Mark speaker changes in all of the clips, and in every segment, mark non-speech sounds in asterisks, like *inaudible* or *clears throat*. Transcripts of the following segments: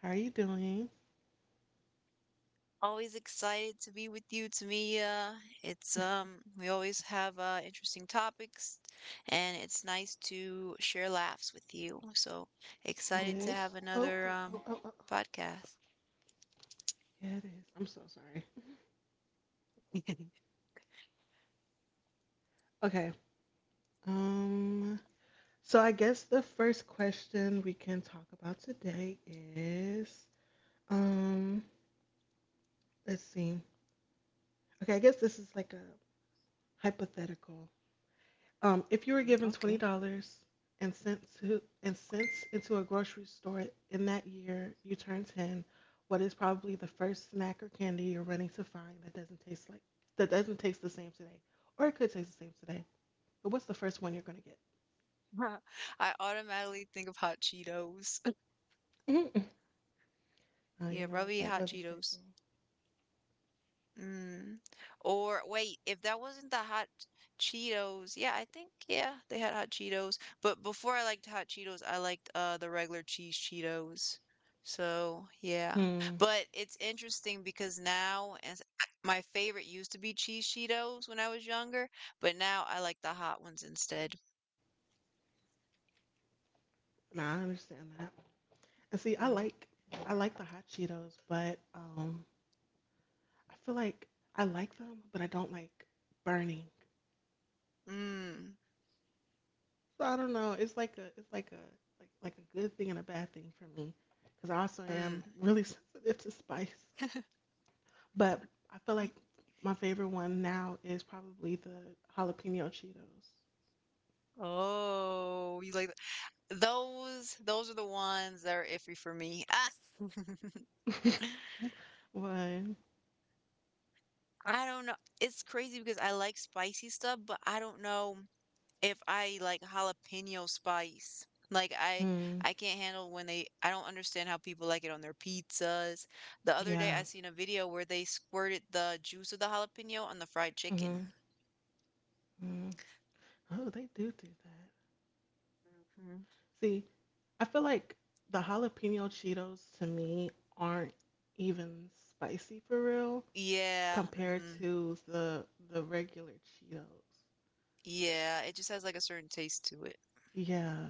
Speaker 1: How are you doing?
Speaker 2: Always excited to be with you, Tamia. It's we always have interesting topics, and it's nice to share laughs with you. So
Speaker 1: It
Speaker 2: excited to
Speaker 1: is.
Speaker 2: have
Speaker 1: Oh,
Speaker 2: another
Speaker 1: oh, oh, oh, oh.
Speaker 2: podcast.
Speaker 1: Yeah, it is. I'm so sorry. Okay. Um. So I guess the first question we can talk about today is, um, let's see. Okay, I guess this is like a hypothetical. If you were
Speaker 2: Mm,
Speaker 1: given twenty
Speaker 2: okay.
Speaker 1: dollars and sent to and cents into a grocery store in that year you turn ten, what is probably the first snack or candy you're running to find that doesn't taste like that doesn't taste the same today, or it could taste the same today? But what's the first one you're gonna get?
Speaker 2: *laughs* I automatically think of hot Cheetos. *laughs*
Speaker 1: mm Oh, you
Speaker 2: Yeah,
Speaker 1: know what?
Speaker 2: probably
Speaker 1: That
Speaker 2: hot
Speaker 1: was a
Speaker 2: Cheetos.
Speaker 1: staple.
Speaker 2: Mm. Or wait, if that wasn't the hot Cheetos, yeah, I think yeah, they had hot Cheetos. But before I liked hot Cheetos, I liked the regular cheese Cheetos. So yeah,
Speaker 1: Hmm.
Speaker 2: but it's interesting because now as my favorite used to be cheese Cheetos when I was younger, but now I like the hot ones instead.
Speaker 1: Nah, I understand that. And see, I
Speaker 2: hmm
Speaker 1: like I like the hot Cheetos, but I feel like I like them, but I don't like burning.
Speaker 2: Mm.
Speaker 1: So I don't know. It's like a like like a good thing and a bad thing for me because I also am
Speaker 2: Mm.
Speaker 1: really *laughs* sensitive to spice. But I feel like
Speaker 2: Ye-
Speaker 1: my favorite one now is probably the jalapeno Cheetos
Speaker 2: Oh, you like those? Those are the ones that are iffy for me. Ah. *laughs*
Speaker 1: *laughs* one.
Speaker 2: I don't know. It's crazy because I like spicy stuff, but I don't know if I like jalapeno spice. Like I
Speaker 1: Mm,
Speaker 2: I can't handle when they I don't understand how people like it on their pizzas. The other day
Speaker 1: yeah.
Speaker 2: I seen a video where they squirted the juice of the jalapeno on the fried
Speaker 1: hmm
Speaker 2: chicken.
Speaker 1: hmm Oh, they do do that.
Speaker 2: Mhm.
Speaker 1: See, I feel like the jalapeno Cheetos to me aren't even spicy for real
Speaker 2: Yeah,
Speaker 1: compared to the regular Cheetos.
Speaker 2: yeah, it just has like a certain taste to it.
Speaker 1: Yeah.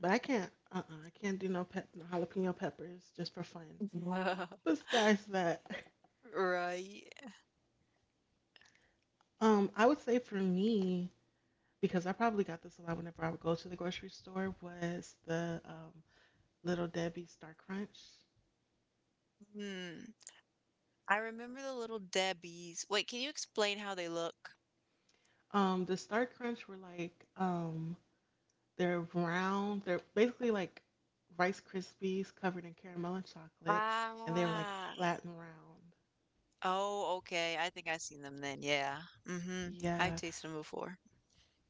Speaker 1: But I can't. I can't do no jalapeno peppers just for fun.
Speaker 2: Mhm. *laughs*
Speaker 1: Besides that,
Speaker 2: Right.
Speaker 1: *laughs* I would say for me, because I probably got this a lot whenever I would go to the grocery store, was the Little Debbie Star Crunch.
Speaker 2: Mm. I remember the little Debbie's. Wait, can you explain how they look?
Speaker 1: The Star Crunch were like they're round. They're basically like Rice Krispies covered in caramel and chocolate, and they were like
Speaker 2: Ah.
Speaker 1: flat and round.
Speaker 2: Oh, okay. I think I've seen them then. Yeah. mm hmm I've
Speaker 1: Yeah,
Speaker 2: tasted them before.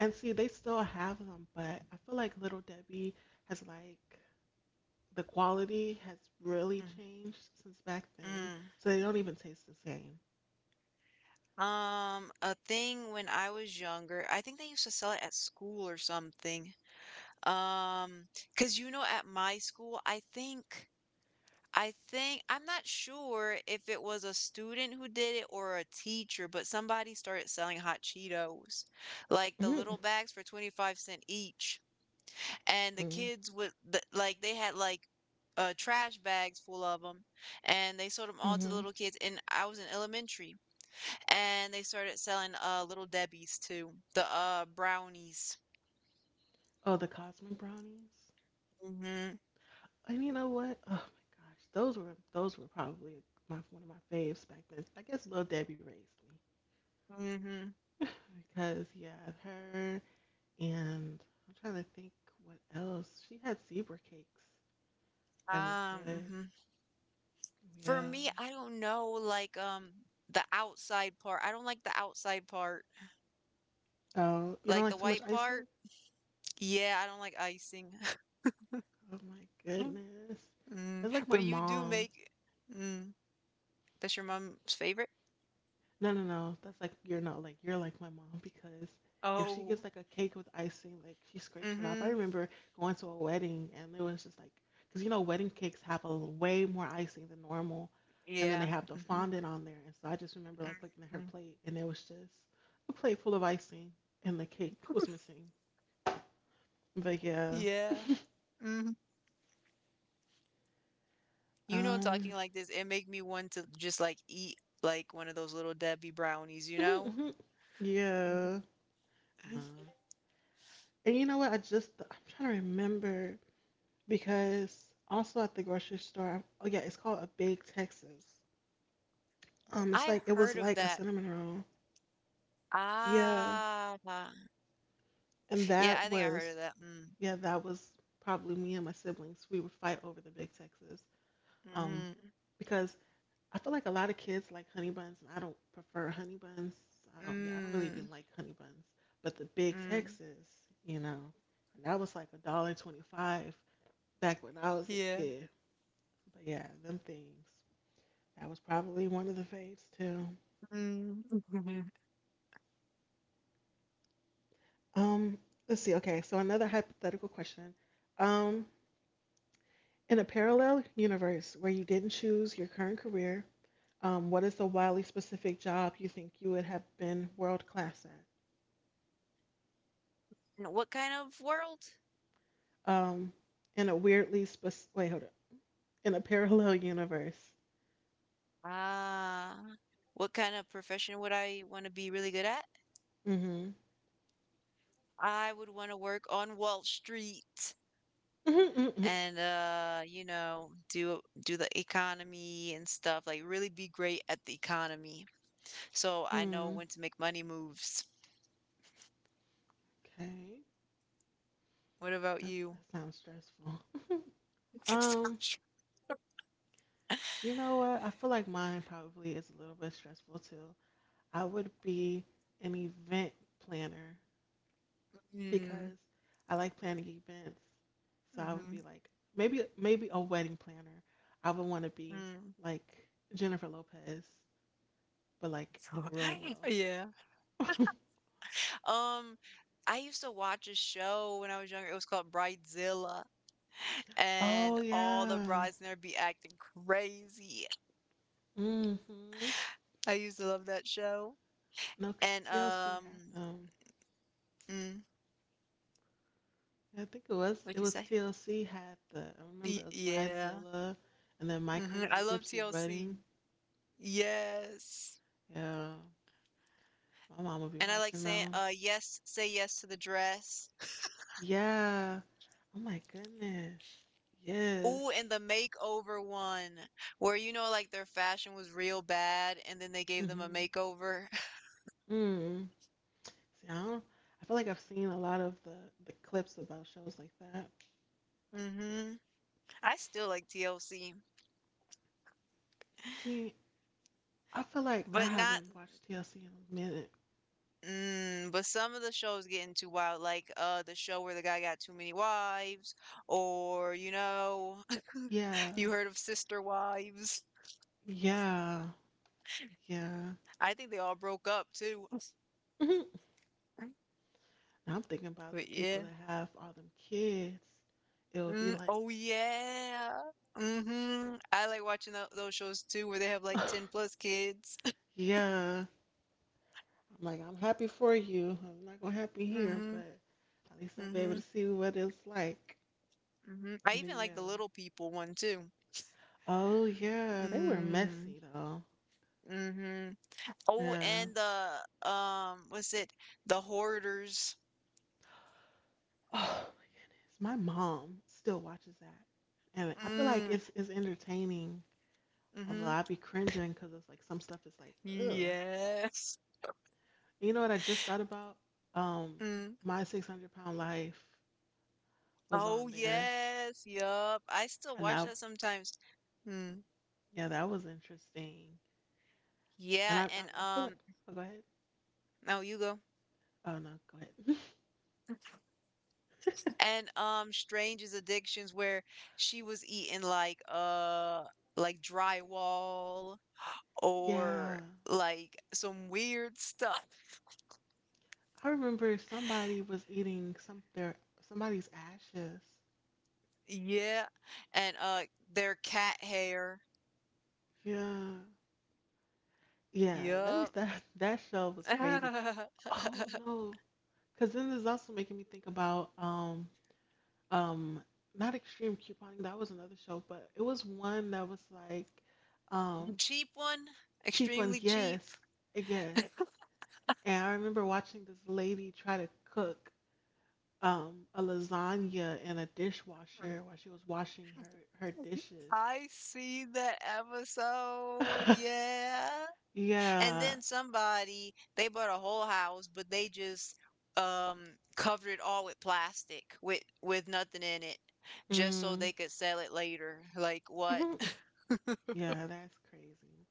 Speaker 1: and see, they still have them, but I feel like Little Debbie has like the quality has really
Speaker 2: Mm.
Speaker 1: changed since back then,
Speaker 2: Mm.
Speaker 1: so they don't even taste the same.
Speaker 2: A thing when I was younger, I think they used to sell it at school or something. Um, because you know, at my school, I think, I'm not sure if it was a student who did it or a teacher, but somebody started selling hot Cheetos, like the little
Speaker 1: Mm-hmm.
Speaker 2: bags for 25¢ each. And the
Speaker 1: Mm-hmm.
Speaker 2: kids would, the, like, they had like trash bags full of them, and they sold them all to the
Speaker 1: Mm-hmm.
Speaker 2: little kids. And I was in elementary, and they started selling little Debbies too, the brownies.
Speaker 1: Oh, the cosmic brownies.
Speaker 2: Mhm.
Speaker 1: And you know what? Oh my gosh, those were probably my one of my faves back then. I guess Little Debbie raised me
Speaker 2: Mhm.
Speaker 1: *laughs* because yeah, her, and I'm trying to think what else. She had zebra cakes that were
Speaker 2: Um.
Speaker 1: good.
Speaker 2: hmm For
Speaker 1: Yeah.
Speaker 2: me, I don't know like the outside part. I don't like the outside part,
Speaker 1: Oh, you don't
Speaker 2: like the
Speaker 1: like too much
Speaker 2: white part.
Speaker 1: icing?
Speaker 2: Yeah, I don't like icing.
Speaker 1: Oh my
Speaker 2: *laughs*
Speaker 1: goodness.
Speaker 2: Mm,
Speaker 1: That's like my
Speaker 2: but you do
Speaker 1: mom.
Speaker 2: make. Mm, that's your mom's favorite?
Speaker 1: No, no, no. That's like you're not like you're like my mom, because if she gets
Speaker 2: Oh.
Speaker 1: like a cake with icing, like she scrapes it off. I
Speaker 2: Mm-hmm.
Speaker 1: remember going to a wedding and it was just like, because you know wedding cakes have way more icing than normal, and then they
Speaker 2: Yeah.
Speaker 1: have the
Speaker 2: Mm-hmm.
Speaker 1: fondant on there. And so I just remember like looking at
Speaker 2: Mm-hmm.
Speaker 1: her plate and it was just a plate full of icing and the cake was missing. But yeah.
Speaker 2: Yeah. Mhm. You know,
Speaker 1: um,
Speaker 2: talking like this, it make me want to just like eat like one of those little Debbie brownies, you know?
Speaker 1: *laughs* yeah,
Speaker 2: *laughs*
Speaker 1: nah. And you know what? I'm trying to remember, because also at the grocery store, oh yeah, it's called a Big Texas.
Speaker 2: I
Speaker 1: It was
Speaker 2: heard of
Speaker 1: like a
Speaker 2: that.
Speaker 1: cinnamon roll. Yeah,
Speaker 2: Ah,
Speaker 1: and
Speaker 2: yeah,
Speaker 1: that
Speaker 2: I think I heard of
Speaker 1: was,
Speaker 2: that. Mm,
Speaker 1: yeah, that was probably me and my siblings. We would fight over the Big Texas. Um,
Speaker 2: mm,
Speaker 1: because I feel like a lot of kids like honey buns, and I don't prefer honey buns. I don't, Yeah, I don't really
Speaker 2: mm,
Speaker 1: even like honey buns. But the Big
Speaker 2: mm.
Speaker 1: Texas, you know, and that was like a dollar twenty-five back when I was a
Speaker 2: Yeah.
Speaker 1: kid. But yeah, them things. That was probably one of the faves too.
Speaker 2: Mm. *laughs*
Speaker 1: Um, let's see. Okay, so another hypothetical question. Um, in a parallel universe where you didn't choose your current career, what is the wildly specific job you think you would have been world class at?
Speaker 2: And what kind of world?
Speaker 1: Um, in a weirdly spec Wait, hold up. In a parallel universe.
Speaker 2: Ah, what kind of profession would I want to be really good at?
Speaker 1: Mm-hmm. *laughs*
Speaker 2: I would want to work on Wall Street,
Speaker 1: Mm-hmm.
Speaker 2: and you know, do the economy and stuff, like really be great at the economy, so I know
Speaker 1: Mm-hmm.
Speaker 2: when to make money moves.
Speaker 1: Okay,
Speaker 2: What about
Speaker 1: that
Speaker 2: you?
Speaker 1: that sounds stressful. *laughs* Um,
Speaker 2: *laughs*
Speaker 1: you know what? I feel like mine probably is a little bit stressful too. I would be an event planner
Speaker 2: Mm,
Speaker 1: because I like planning events. So I would be
Speaker 2: hmm.
Speaker 1: like maybe a wedding planner. I would want to be
Speaker 2: Mm.
Speaker 1: like Jennifer Lopez, but like in the
Speaker 2: So,
Speaker 1: real
Speaker 2: *laughs*
Speaker 1: world.
Speaker 2: yeah, um I used to watch a show when I was younger. It was called Bridezilla,
Speaker 1: *laughs* Oh
Speaker 2: and all the
Speaker 1: yeah.
Speaker 2: brides in there be acting crazy.
Speaker 1: Mhm.
Speaker 2: I used to love that show.
Speaker 1: No, cause
Speaker 2: And
Speaker 1: TLC had them.
Speaker 2: mm,
Speaker 1: Yeah, I think it was
Speaker 2: what'd you
Speaker 1: it was
Speaker 2: say?
Speaker 1: TLC had the. I remember it was
Speaker 2: Yeah.
Speaker 1: Bridezilla, and then My
Speaker 2: Mhm, I
Speaker 1: Crazy
Speaker 2: love
Speaker 1: Gypsy Wedding.
Speaker 2: TLC. Yes.
Speaker 1: Yeah, my mom would be
Speaker 2: And I like
Speaker 1: watching
Speaker 2: saying,
Speaker 1: them.
Speaker 2: yes, Say Yes to the Dress.
Speaker 1: Yeah. Oh my goodness. Yes.
Speaker 2: Ooh, and the makeover one, where you know, like their fashion was real bad, and then they gave them a
Speaker 1: Mhm.
Speaker 2: makeover. *laughs*
Speaker 1: Mm. See, I don't. I feel like I've seen a lot of the clips about shows like that.
Speaker 2: hmm I still like TLC,
Speaker 1: See, I feel like I
Speaker 2: but not,
Speaker 1: haven't watched TLC in a minute.
Speaker 2: mm, but some of the shows getting too wild, like the show where the guy got too many wives, or you know, *laughs*
Speaker 1: Yeah.
Speaker 2: you heard of Sister Wives.
Speaker 1: Yeah. Yeah.
Speaker 2: I think they all broke up too. *laughs*
Speaker 1: Mhm. Now I'm thinking about the
Speaker 2: But
Speaker 1: people
Speaker 2: yeah.
Speaker 1: that have all them kids. It would be
Speaker 2: Mm,
Speaker 1: like,
Speaker 2: oh yeah. Mhm. I like watching those shows too where they have like 10 plus
Speaker 1: *laughs*
Speaker 2: kids.
Speaker 1: yeah. I'm like, I'm happy for you. I'm not gonna happy
Speaker 2: *laughs*
Speaker 1: here,
Speaker 2: Mhm.
Speaker 1: but at least
Speaker 2: mm
Speaker 1: I'll be able to
Speaker 2: Mhm.
Speaker 1: see what it's like.
Speaker 2: Mhm. I
Speaker 1: But
Speaker 2: even like
Speaker 1: yeah.
Speaker 2: the Little People one too.
Speaker 1: Oh yeah, they were
Speaker 2: Mm.
Speaker 1: messy though.
Speaker 2: Mhm. Oh,
Speaker 1: Yeah.
Speaker 2: and the what's it? The Hoarders.
Speaker 1: Oh my goodness, my mom still watches that, and I feel like
Speaker 2: Mm.
Speaker 1: it's entertaining. Although
Speaker 2: Mhm.
Speaker 1: I be cringing because it's like some stuff is like ugh.
Speaker 2: Yes.
Speaker 1: You know what I just thought about? Um,
Speaker 2: Mm.
Speaker 1: my 600 pound life was
Speaker 2: Oh
Speaker 1: on there,
Speaker 2: yes. Yup. I still
Speaker 1: and
Speaker 2: watch
Speaker 1: that,
Speaker 2: that sometimes. Mm.
Speaker 1: yeah, that was interesting. And
Speaker 2: Yeah,
Speaker 1: I I,
Speaker 2: and
Speaker 1: I feel like, oh go ahead.
Speaker 2: oh, you go.
Speaker 1: Oh no, go ahead. *laughs*
Speaker 2: And, Strange's Addictions, where she was eating like drywall or
Speaker 1: Yeah,
Speaker 2: like some weird stuff. *laughs*
Speaker 1: I remember somebody was eating somebody's ashes.
Speaker 2: Yeah. And, their cat hair.
Speaker 1: Yeah, yeah, that was
Speaker 2: Yup.
Speaker 1: that *laughs* that show
Speaker 2: *laughs*
Speaker 1: was crazy.
Speaker 2: The
Speaker 1: Oh no, because then there's also making me think about um not extreme couponing. That was another show, but it was one that was like um
Speaker 2: cheap one,
Speaker 1: cheap on,
Speaker 2: extremely cheap.
Speaker 1: yes, yes. And I remember watching this lady try to cook a lasagna in a dishwasher while she was washing her
Speaker 2: *laughs*
Speaker 1: dishes.
Speaker 2: I see that episode.
Speaker 1: *laughs*
Speaker 2: Yeah. And
Speaker 1: Yeah.
Speaker 2: then somebody, they bought a whole house, but they just um covered it all with plastic, with nothing in it, just so
Speaker 1: Mm.
Speaker 2: they could sell it later. Like what? *laughs*
Speaker 1: *laughs* Yeah, that's crazy.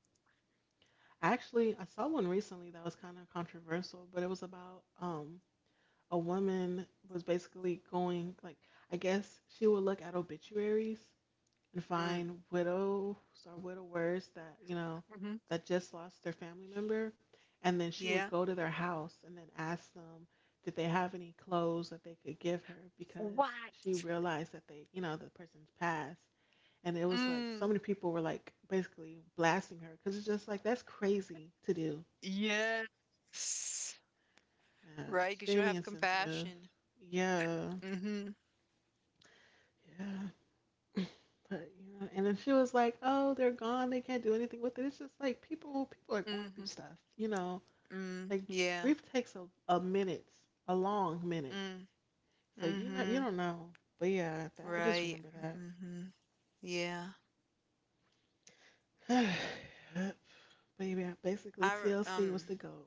Speaker 1: Actually, I saw one recently that was kind of controversial, but it was about a woman was basically going like, I guess she would look at obituaries and
Speaker 2: Mm.
Speaker 1: find widows or widowers that, you know,
Speaker 2: hmm
Speaker 1: that just lost their family member, and then she would
Speaker 2: Yeah.
Speaker 1: go to their house and then ask them did they have any clothes that they could give her, because
Speaker 2: What?
Speaker 1: she realized that they, you know, the person's passed. And it was like so
Speaker 2: Mm.
Speaker 1: many people were like basically blasting her because it's just like that's crazy to do.
Speaker 2: Yes. Right, because you don't
Speaker 1: Extremely
Speaker 2: have
Speaker 1: insensitive.
Speaker 2: compassion.
Speaker 1: Yeah.
Speaker 2: Mm-hmm.
Speaker 1: Yeah. *clears throat* But you know, and then she was like, "Oh, they're gone. They can't do anything with it." It's just like people are going
Speaker 2: Mm-hmm.
Speaker 1: through stuff. You know,
Speaker 2: Mm.
Speaker 1: like
Speaker 2: Yeah.
Speaker 1: grief takes a minute, a long minute.
Speaker 2: Mm.
Speaker 1: So you know, you
Speaker 2: Mm-hmm.
Speaker 1: don't know. But yeah, that, I just
Speaker 2: Right.
Speaker 1: remember that.
Speaker 2: Mm-hmm. Yeah.
Speaker 1: *sighs* Yep. But yeah, basically
Speaker 2: I re-
Speaker 1: TLC was
Speaker 2: um.
Speaker 1: the goat.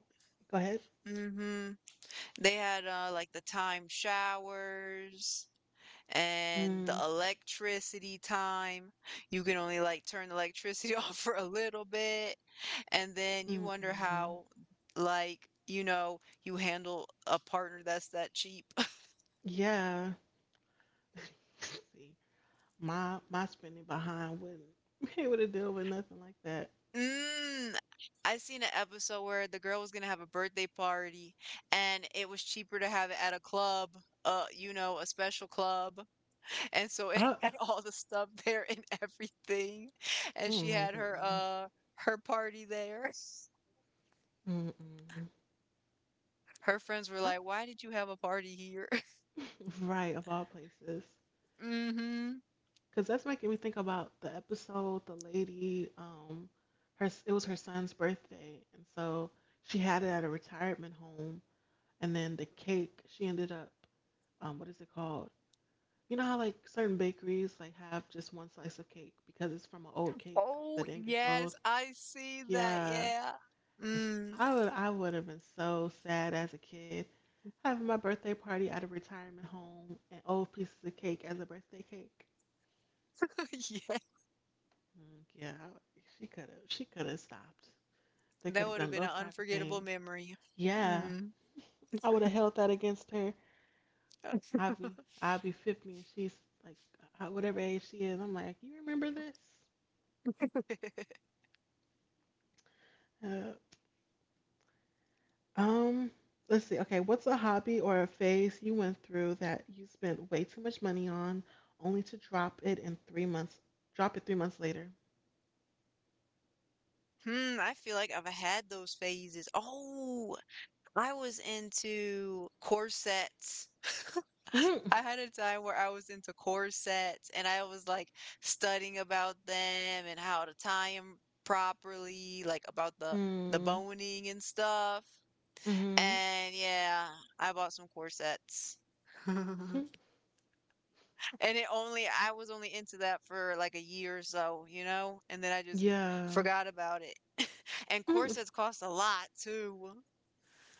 Speaker 1: Go ahead.
Speaker 2: Mm-hmm. They had like the time showers and the
Speaker 1: Mm,
Speaker 2: electricity time. You can only like turn the electricity *laughs* off for a little bit, and then you
Speaker 1: mm,
Speaker 2: wonder
Speaker 1: mm.
Speaker 2: how like, you know, you handle a partner that's that cheap.
Speaker 1: Yeah. *laughs* See. My spending behind wouldn't *laughs* be able to deal with nothing like that.
Speaker 2: Mm, I seen an episode where the girl was gonna have a birthday party, and it was cheaper to have it at a club, you know, a special club. And so it
Speaker 1: Uh,
Speaker 2: *laughs* had all the stuff there and everything. And
Speaker 1: oh
Speaker 2: she
Speaker 1: my
Speaker 2: had her
Speaker 1: goodness.
Speaker 2: her party there.
Speaker 1: Mm-mm.
Speaker 2: Her friends were
Speaker 1: I,
Speaker 2: like, "Why did you have a party here?" *laughs*
Speaker 1: right, of all places,
Speaker 2: Mm-hmm.
Speaker 1: because that's making me think about the episode. The lady, her it was her son's birthday, and so she had it at a retirement home, and then the cake she ended up, what is it called? You know how like certain bakeries like have just one slice of cake because it's from an old cake
Speaker 2: Oh,
Speaker 1: that didn't get
Speaker 2: yes,
Speaker 1: sold.
Speaker 2: I see that.
Speaker 1: Yeah.
Speaker 2: Yeah.
Speaker 1: And sh
Speaker 2: Mm.
Speaker 1: I would, I would have been so sad as a kid having my birthday party at a retirement home and old pieces of cake as a birthday cake.
Speaker 2: *laughs* Yeah.
Speaker 1: Mm, she could have stopped. They could
Speaker 2: That
Speaker 1: have
Speaker 2: would have
Speaker 1: done a
Speaker 2: been
Speaker 1: little
Speaker 2: an
Speaker 1: private
Speaker 2: unforgettable
Speaker 1: thing.
Speaker 2: memory.
Speaker 1: Yeah,
Speaker 2: Mm.
Speaker 1: I would have held that against her. I'd be I'd be 50 and she's like whatever age she is. I'm like, you remember this? Uh, Um, let's see. Okay, what's a hobby or a phase you went through that you spent way too much money on, only to drop it in 3 months? Drop it 3 months later.
Speaker 2: Hmm, I feel like I've had those phases. Oh, I was into corsets. *laughs*
Speaker 1: Mm-hmm.
Speaker 2: I had a time where I was into corsets and I was like studying about them and how to tie them properly, like about the boning and stuff.
Speaker 1: Mm-hmm.
Speaker 2: And yeah, I bought some corsets. *laughs*
Speaker 1: hmm
Speaker 2: And it only I was only into that for like a year or so, you know? And then I just
Speaker 1: Yeah.
Speaker 2: forgot about it. *laughs* And
Speaker 1: Mm-hmm.
Speaker 2: corsets cost a lot too.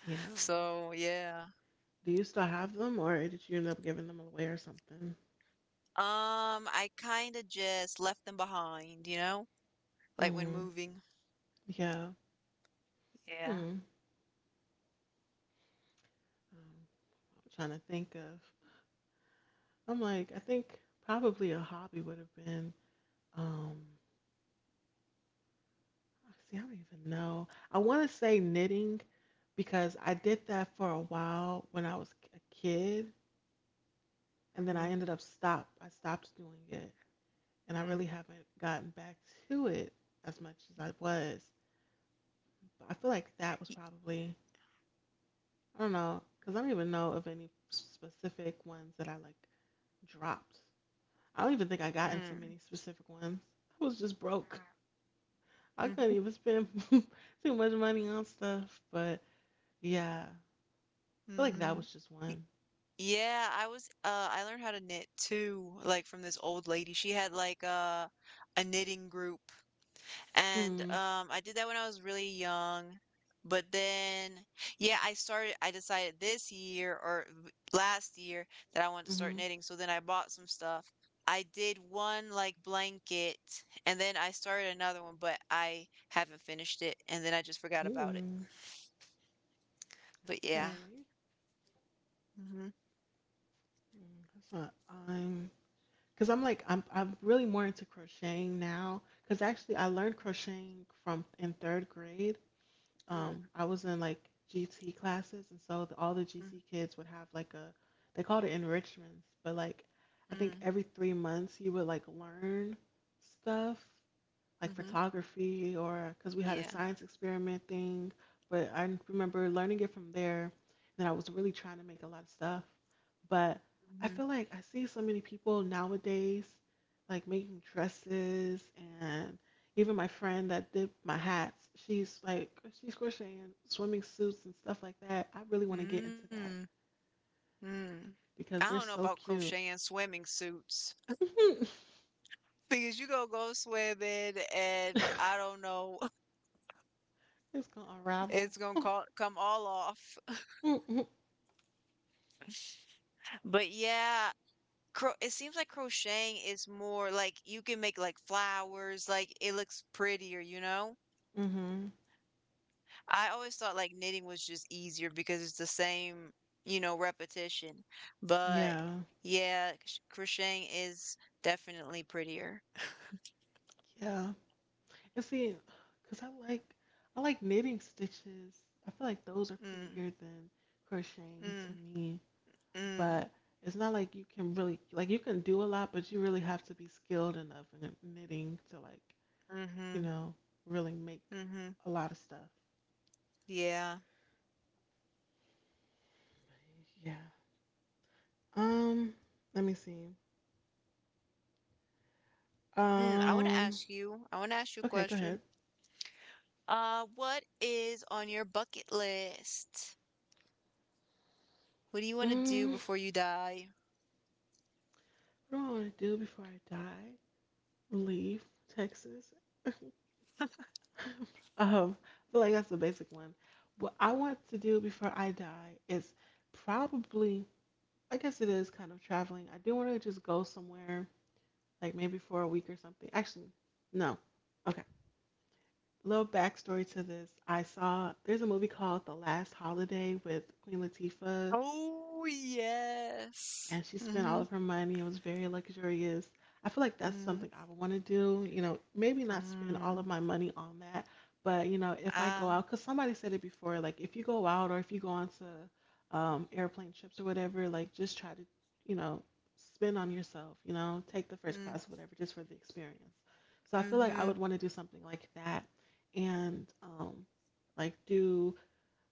Speaker 1: Yeah.
Speaker 2: So, yeah.
Speaker 1: Do you still have them, or did you end up giving them away or something?
Speaker 2: I kind of just left them behind, you know? Like when
Speaker 1: Mm-hmm.
Speaker 2: moving.
Speaker 1: Yeah. Hmm.
Speaker 2: Yeah.
Speaker 1: I'm trying to think of. I'm like, I think probably a hobby would have been. Um, I see, I don't even know. I want to say knitting because I did that for a while when I was a kid, and then I
Speaker 2: Mm,
Speaker 1: ended up stop. I stopped doing it, and I
Speaker 2: mhm,
Speaker 1: really
Speaker 2: mm,
Speaker 1: haven't gotten back to it as much as I was. But I feel like that was
Speaker 2: y-
Speaker 1: probably, I don't know, because I don't even know of any specific ones that I like dropped. I don't even think I got into
Speaker 2: mm,
Speaker 1: many specific ones. I was just broke. I couldn't
Speaker 2: mm,
Speaker 1: even spend *laughs* too much money on stuff. But yeah, I
Speaker 2: mhm,
Speaker 1: feel like that
Speaker 2: mhm.
Speaker 1: was just one.
Speaker 2: Yeah, I was I learned how to knit too, like from this old lady. She had like a knitting group. And
Speaker 1: Hmm.
Speaker 2: I did that when I was really young. But then, yeah, I decided this year or last year that I wanted to start
Speaker 1: Mm-hmm.
Speaker 2: knitting. So then I bought some stuff. I did one like blanket, and then I started another one, but I haven't finished it. And then I just forgot about it.
Speaker 1: hmm
Speaker 2: But yeah.
Speaker 1: Okay.
Speaker 2: Mm-hmm.
Speaker 1: That's what I'm because I'm like I'm really more into crocheting now because actually I learned crocheting from in third grade.
Speaker 2: Mm,
Speaker 1: I was in like GT classes and so all the
Speaker 2: mm,
Speaker 1: GT kids would have like a they called it enrichments, but like I think
Speaker 2: mm,
Speaker 1: every 3 months you would like learn stuff like
Speaker 2: mm-hmm.
Speaker 1: photography or because we had a
Speaker 2: Yeah.
Speaker 1: science experiment thing. But I remember learning it from there, and I was really trying to make a lot of stuff. But I
Speaker 2: Mm-hmm.
Speaker 1: feel like I see so many people nowadays like making dresses and even my friend that did my hats, she's like she's crocheting swimming suits and stuff like that. I really want to get into
Speaker 2: Mm,
Speaker 1: that
Speaker 2: mm. I
Speaker 1: because
Speaker 2: don't
Speaker 1: they're
Speaker 2: know
Speaker 1: so
Speaker 2: about
Speaker 1: cute.
Speaker 2: crocheting swimming suits.
Speaker 1: *laughs* It's
Speaker 2: Because you gonna go swimming and I don't know, *laughs*
Speaker 1: gonna unravel.
Speaker 2: come all off.
Speaker 1: *laughs*
Speaker 2: But yeah, cro it seems like crocheting is more like you can make like flowers, like it looks prettier, you know?
Speaker 1: Hmm.
Speaker 2: I always thought like knitting was just easier because it's the same, you know, repetition. But
Speaker 1: Yeah,
Speaker 2: yeah, crocheting is definitely prettier.
Speaker 1: yeah. And see, cause I like knitting stitches. I feel like those are
Speaker 2: Mm,
Speaker 1: prettier than crocheting to
Speaker 2: mm,
Speaker 1: me.
Speaker 2: mm,
Speaker 1: But it's not like you can really like you can do a lot, but you really have to be skilled enough in knitting to like you
Speaker 2: mm-hmm,
Speaker 1: know really make
Speaker 2: mm-hmm.
Speaker 1: a lot of stuff.
Speaker 2: Yeah.
Speaker 1: Yeah. Um. Let me see.
Speaker 2: Mm,
Speaker 1: Um.
Speaker 2: I want to ask you a
Speaker 1: Okay. Go ahead.
Speaker 2: question. What is on your bucket list? What do you want to do
Speaker 1: Mm,
Speaker 2: before you die?
Speaker 1: what do I want to do before I die? Leave Texas. I feel like that's the basic one. What I want to do before I die is probably, I guess it is kind of traveling. I do want to just go somewhere, like maybe for a week or something. Actually, no. Okay. Little backstory to this. I saw there's a movie called The Last Holiday with Queen Latifah
Speaker 2: Oh, yes.
Speaker 1: and she spent all
Speaker 2: Mm-hmm.
Speaker 1: of her money. It was very luxurious. I feel like that's something
Speaker 2: Mm.
Speaker 1: I would want to do. You know, maybe not spend all of
Speaker 2: Mm.
Speaker 1: my money on that, but you know, if I go
Speaker 2: Ah.
Speaker 1: out, because somebody said it before, like if you go out or if you go on to airplane trips or whatever, like just try to, you know, spend on yourself. You know, take the first
Speaker 2: Mm.
Speaker 1: class, whatever, just for the experience. So I feel like I
Speaker 2: Mm-hmm.
Speaker 1: would want to do something like that, and like do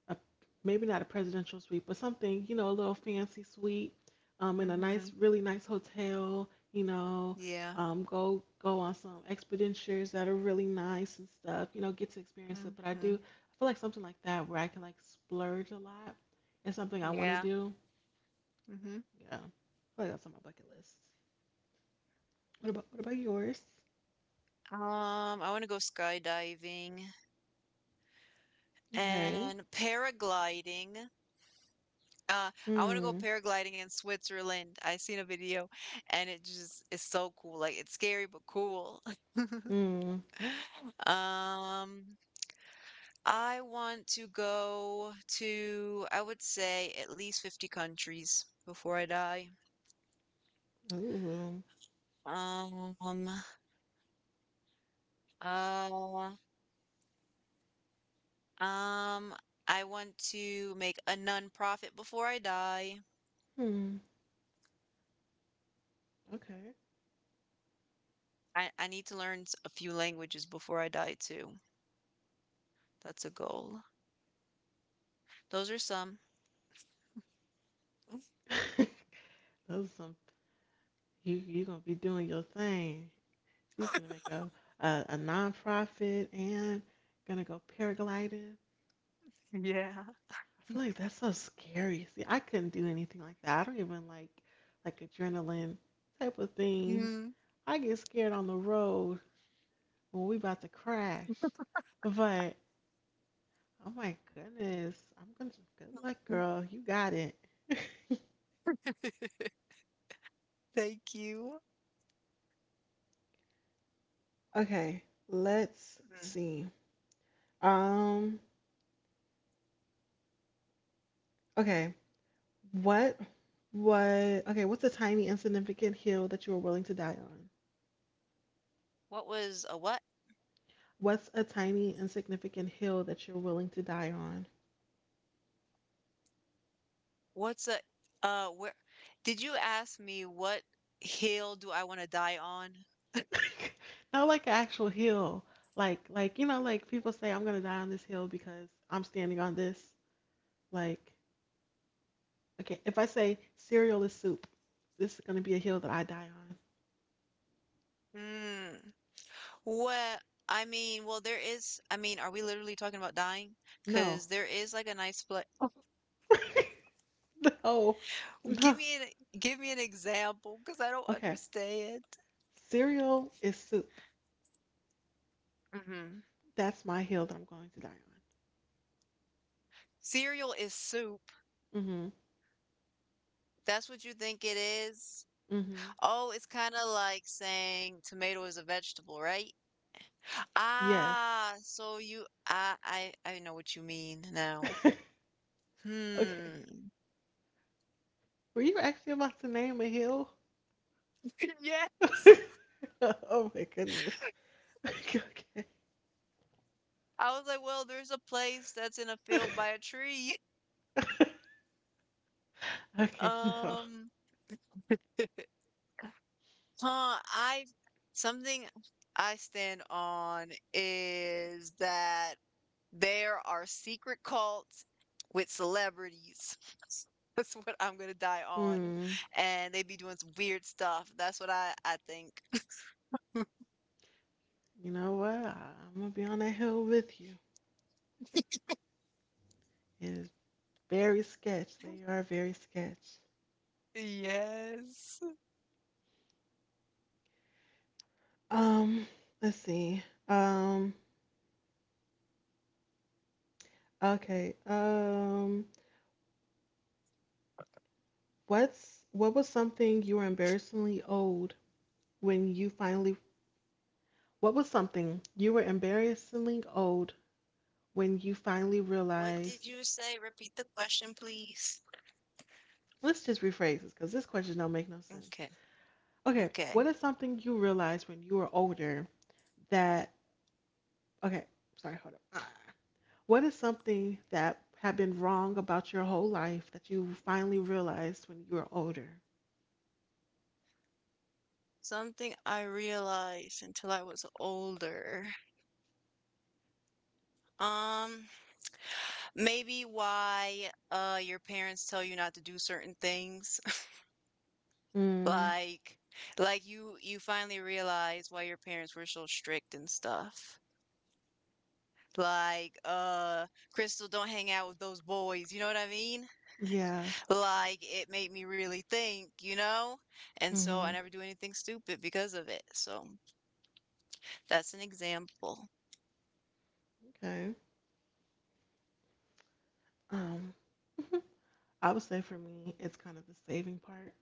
Speaker 1: a, maybe not a presidential suite, but something, you know, a little fancy suite, in a
Speaker 2: Mm-hmm.
Speaker 1: nice, really nice hotel, you know,
Speaker 2: Yeah.
Speaker 1: go on some expeditions that are really nice and stuff, you know, get to experience it. But I do,
Speaker 2: Mm-hmm.
Speaker 1: I feel like something like that where I can like splurge a lot is something I want to
Speaker 2: Yeah.
Speaker 1: do.
Speaker 2: Mm-hmm.
Speaker 1: Yeah, I feel like that's on my bucket list. What about yours?
Speaker 2: I want to go skydiving
Speaker 1: Okay.
Speaker 2: and paragliding. I want to go
Speaker 1: Hmm.
Speaker 2: paragliding in Switzerland. I seen a video and it just is so cool. Like it's scary but cool.
Speaker 1: Hmm.
Speaker 2: *laughs* *laughs* Um, I want to go to, I would say, at least 50 countries before I die.
Speaker 1: Ooh.
Speaker 2: Um, uh, um, I want to make a non-profit before I die.
Speaker 1: Hmm. Okay.
Speaker 2: I need to learn a few languages before I die too. That's a goal. Those are some.
Speaker 1: *laughs* Those are some. You gonna be doing your thing. She finna make a non-profit and gonna go paragliding.
Speaker 2: Yeah.
Speaker 1: I feel like that's so scary. See, I couldn't do anything like that. I don't even like adrenaline type of things.
Speaker 2: Mm.
Speaker 1: I get scared on the road when we about to crash. But oh my goodness, I'm gonna good luck, girl. You got it. *laughs*
Speaker 2: *laughs* Thank you.
Speaker 1: Okay, let's
Speaker 2: Mm.
Speaker 1: see. Um, okay. What was okay? What's a tiny insignificant hill that you are willing to die on?
Speaker 2: What was a what?
Speaker 1: What's a tiny insignificant hill that you're willing to die on?
Speaker 2: What's a where did you ask me what hill do I want to die on?
Speaker 1: *laughs* Not like an actual hill, like you know, like people say I'm gonna die on this hill because I'm standing on this. Like okay, if I say cereal is soup, this is gonna be a hill that I die on.
Speaker 2: Hmm. Well, I mean, well, there is. I mean, are we literally talking about dying?
Speaker 1: No,
Speaker 2: Because there is like a nice place.
Speaker 1: *laughs* no,
Speaker 2: Give
Speaker 1: no.
Speaker 2: me an give me an example, because I don't
Speaker 1: Okay,
Speaker 2: understand.
Speaker 1: cereal is soup.
Speaker 2: hmm
Speaker 1: That's my hill that I'm going to die
Speaker 2: Cereal is soup.
Speaker 1: on.
Speaker 2: That's what you think it is.
Speaker 1: Mhm, mhm.
Speaker 2: Oh, it's kind of like saying tomato is a vegetable, right?
Speaker 1: Yes.
Speaker 2: Ah, so you, I know what you mean now.
Speaker 1: *laughs* Okay.
Speaker 2: Hmm.
Speaker 1: Were you actually about to name a hill?
Speaker 2: *laughs* Yes.
Speaker 1: *laughs* Oh my goodness. *laughs* Okay.
Speaker 2: I was like, well, there's a place that's in a
Speaker 1: *laughs* Okay,
Speaker 2: field by a tree. *laughs*
Speaker 1: Okay, no.
Speaker 2: Um, I something I stand on is that there are secret cults with celebrities. *laughs* That's what I'm gonna die on.
Speaker 1: Hmm.
Speaker 2: And they be doing some weird stuff. That's what I think.
Speaker 1: You know what? I'm gonna be on that hill with you. It is very sketch. They
Speaker 2: *laughs*
Speaker 1: are very sketch.
Speaker 2: Yes.
Speaker 1: Um, let's see. Um, okay. What's what was something you were embarrassingly old when you finally? What was something you were embarrassingly old when you finally
Speaker 2: What did
Speaker 1: realized
Speaker 2: you say? Repeat the question, please.
Speaker 1: Let's just rephrase this because this question don't make no sense.
Speaker 2: Okay.
Speaker 1: Okay, what
Speaker 2: Okay.
Speaker 1: is something you realized when you were older that okay sorry hold up Ah. What is something that had been wrong about your whole life that you finally realized when you were older?
Speaker 2: Something I realized until I was older. Um, maybe why your parents tell you not to do certain things. *laughs*
Speaker 1: Mm.
Speaker 2: Like you finally realize why your parents were so strict and stuff. Like, Crystal, don't hang out with those boys, you know what I mean?
Speaker 1: Yeah.
Speaker 2: Like it made me really think, you know? And so I
Speaker 1: Mm-hmm.
Speaker 2: never do anything stupid because of it. So that's an example.
Speaker 1: Okay. um *laughs* I would say for me it's kind of the saving part.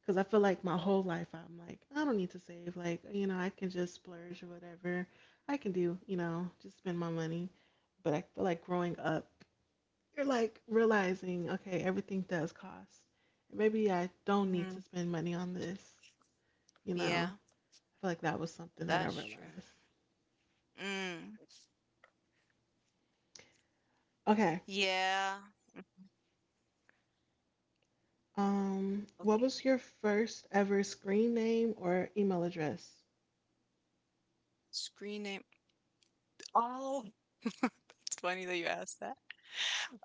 Speaker 1: Because I feel like my whole life I'm like, I don't need to save. Like, you know, I can just splurge or whatever. I can do, you know, just spend my money. But I feel like growing up, you're like realizing, okay, everything does cost. And maybe I don't need
Speaker 2: hmm
Speaker 1: to spend money on this, you
Speaker 2: Yeah,
Speaker 1: know. I feel like that was something that I
Speaker 2: that's true.
Speaker 1: realized.
Speaker 2: Mm.
Speaker 1: Okay.
Speaker 2: Yeah.
Speaker 1: What
Speaker 2: Okay.
Speaker 1: was your first ever screen name or email address?
Speaker 2: Screen name. Oh, it's funny that you asked that.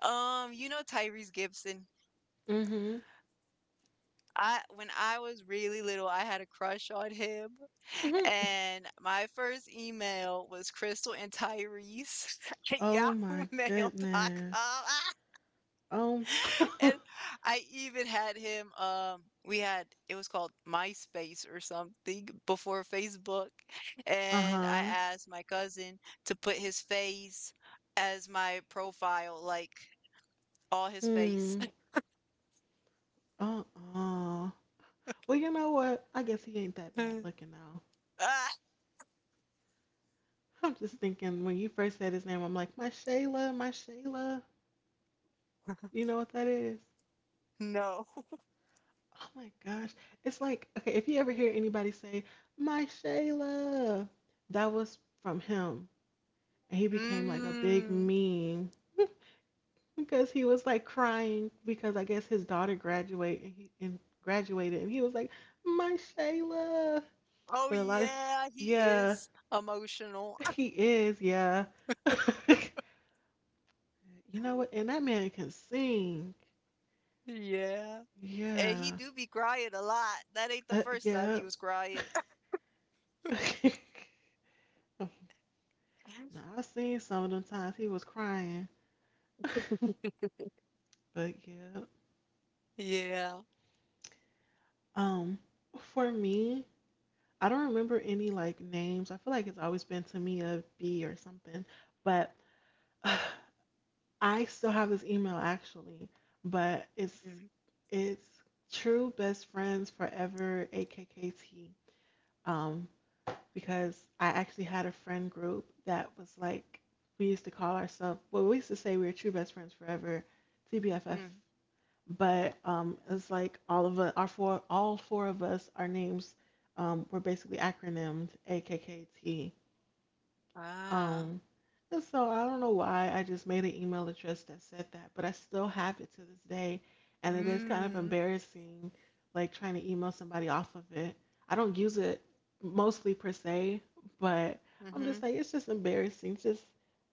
Speaker 2: You know Tyrese Gibson.
Speaker 1: Mm-hmm.
Speaker 2: I When I was really little, I had a crush on him,
Speaker 1: Mm-hmm.
Speaker 2: and my first email was Crystal and Tyrese *laughs* at
Speaker 1: Oh
Speaker 2: Yahoo
Speaker 1: my
Speaker 2: Mail dot
Speaker 1: goodness.
Speaker 2: com. *laughs*
Speaker 1: Oh.
Speaker 2: *laughs* And
Speaker 1: *laughs*
Speaker 2: I even had him, we had, it was called MySpace or something before Facebook. *laughs* And I
Speaker 1: Uh-huh.
Speaker 2: asked my cousin to put his face as my profile, like all his face.
Speaker 1: Hmm. Uh-uh. Well, you know what? I guess he ain't that bad
Speaker 2: *laughs*
Speaker 1: looking though.
Speaker 2: Ah,
Speaker 1: *laughs* I'm just thinking when you first said his name, I'm like, my Shayla, my Shayla. You know what that is?
Speaker 2: no.
Speaker 1: Oh my gosh. It's like, okay, if you ever hear anybody say, my Shayla, that was from him. And he became like a big
Speaker 2: Mm.
Speaker 1: meme *laughs* because he was like crying because I guess his daughter graduated and he and graduated and he was like, my Shayla.
Speaker 2: Oh,
Speaker 1: But a lot of,
Speaker 2: yeah, he
Speaker 1: yeah,
Speaker 2: is emotional.
Speaker 1: *laughs* he is, yeah. *laughs* You know what?
Speaker 2: *laughs*
Speaker 1: And that man can sing.
Speaker 2: Yeah. And he
Speaker 1: Yeah.
Speaker 2: do be crying a lot. That ain't the first time
Speaker 1: Yeah.
Speaker 2: he was crying.
Speaker 1: *laughs*
Speaker 2: *laughs*
Speaker 1: Now, I seen some of them times he was crying. *laughs* But yeah.
Speaker 2: Yeah.
Speaker 1: Um, for me, I don't remember any like names. I feel like it's always been to me a B or something. But *sighs* I still have this email actually, but it's true best friends forever AKKT. Um, because I actually had a friend group that was like we used to call ourselves well we used to say we were true best friends forever, TBFF.
Speaker 2: Mm.
Speaker 1: But it's like all of us, our four all four of us, our names were basically acronymed AKKT.
Speaker 2: Ah.
Speaker 1: Um, and so I don't know why I just made an email address that said that, but I still have it to this day, and it is kind of
Speaker 2: Mm.
Speaker 1: embarrassing, like trying to email somebody off of it. I don't use it mostly per se, but I'm just
Speaker 2: Mhm.
Speaker 1: like it's just embarrassing. Just,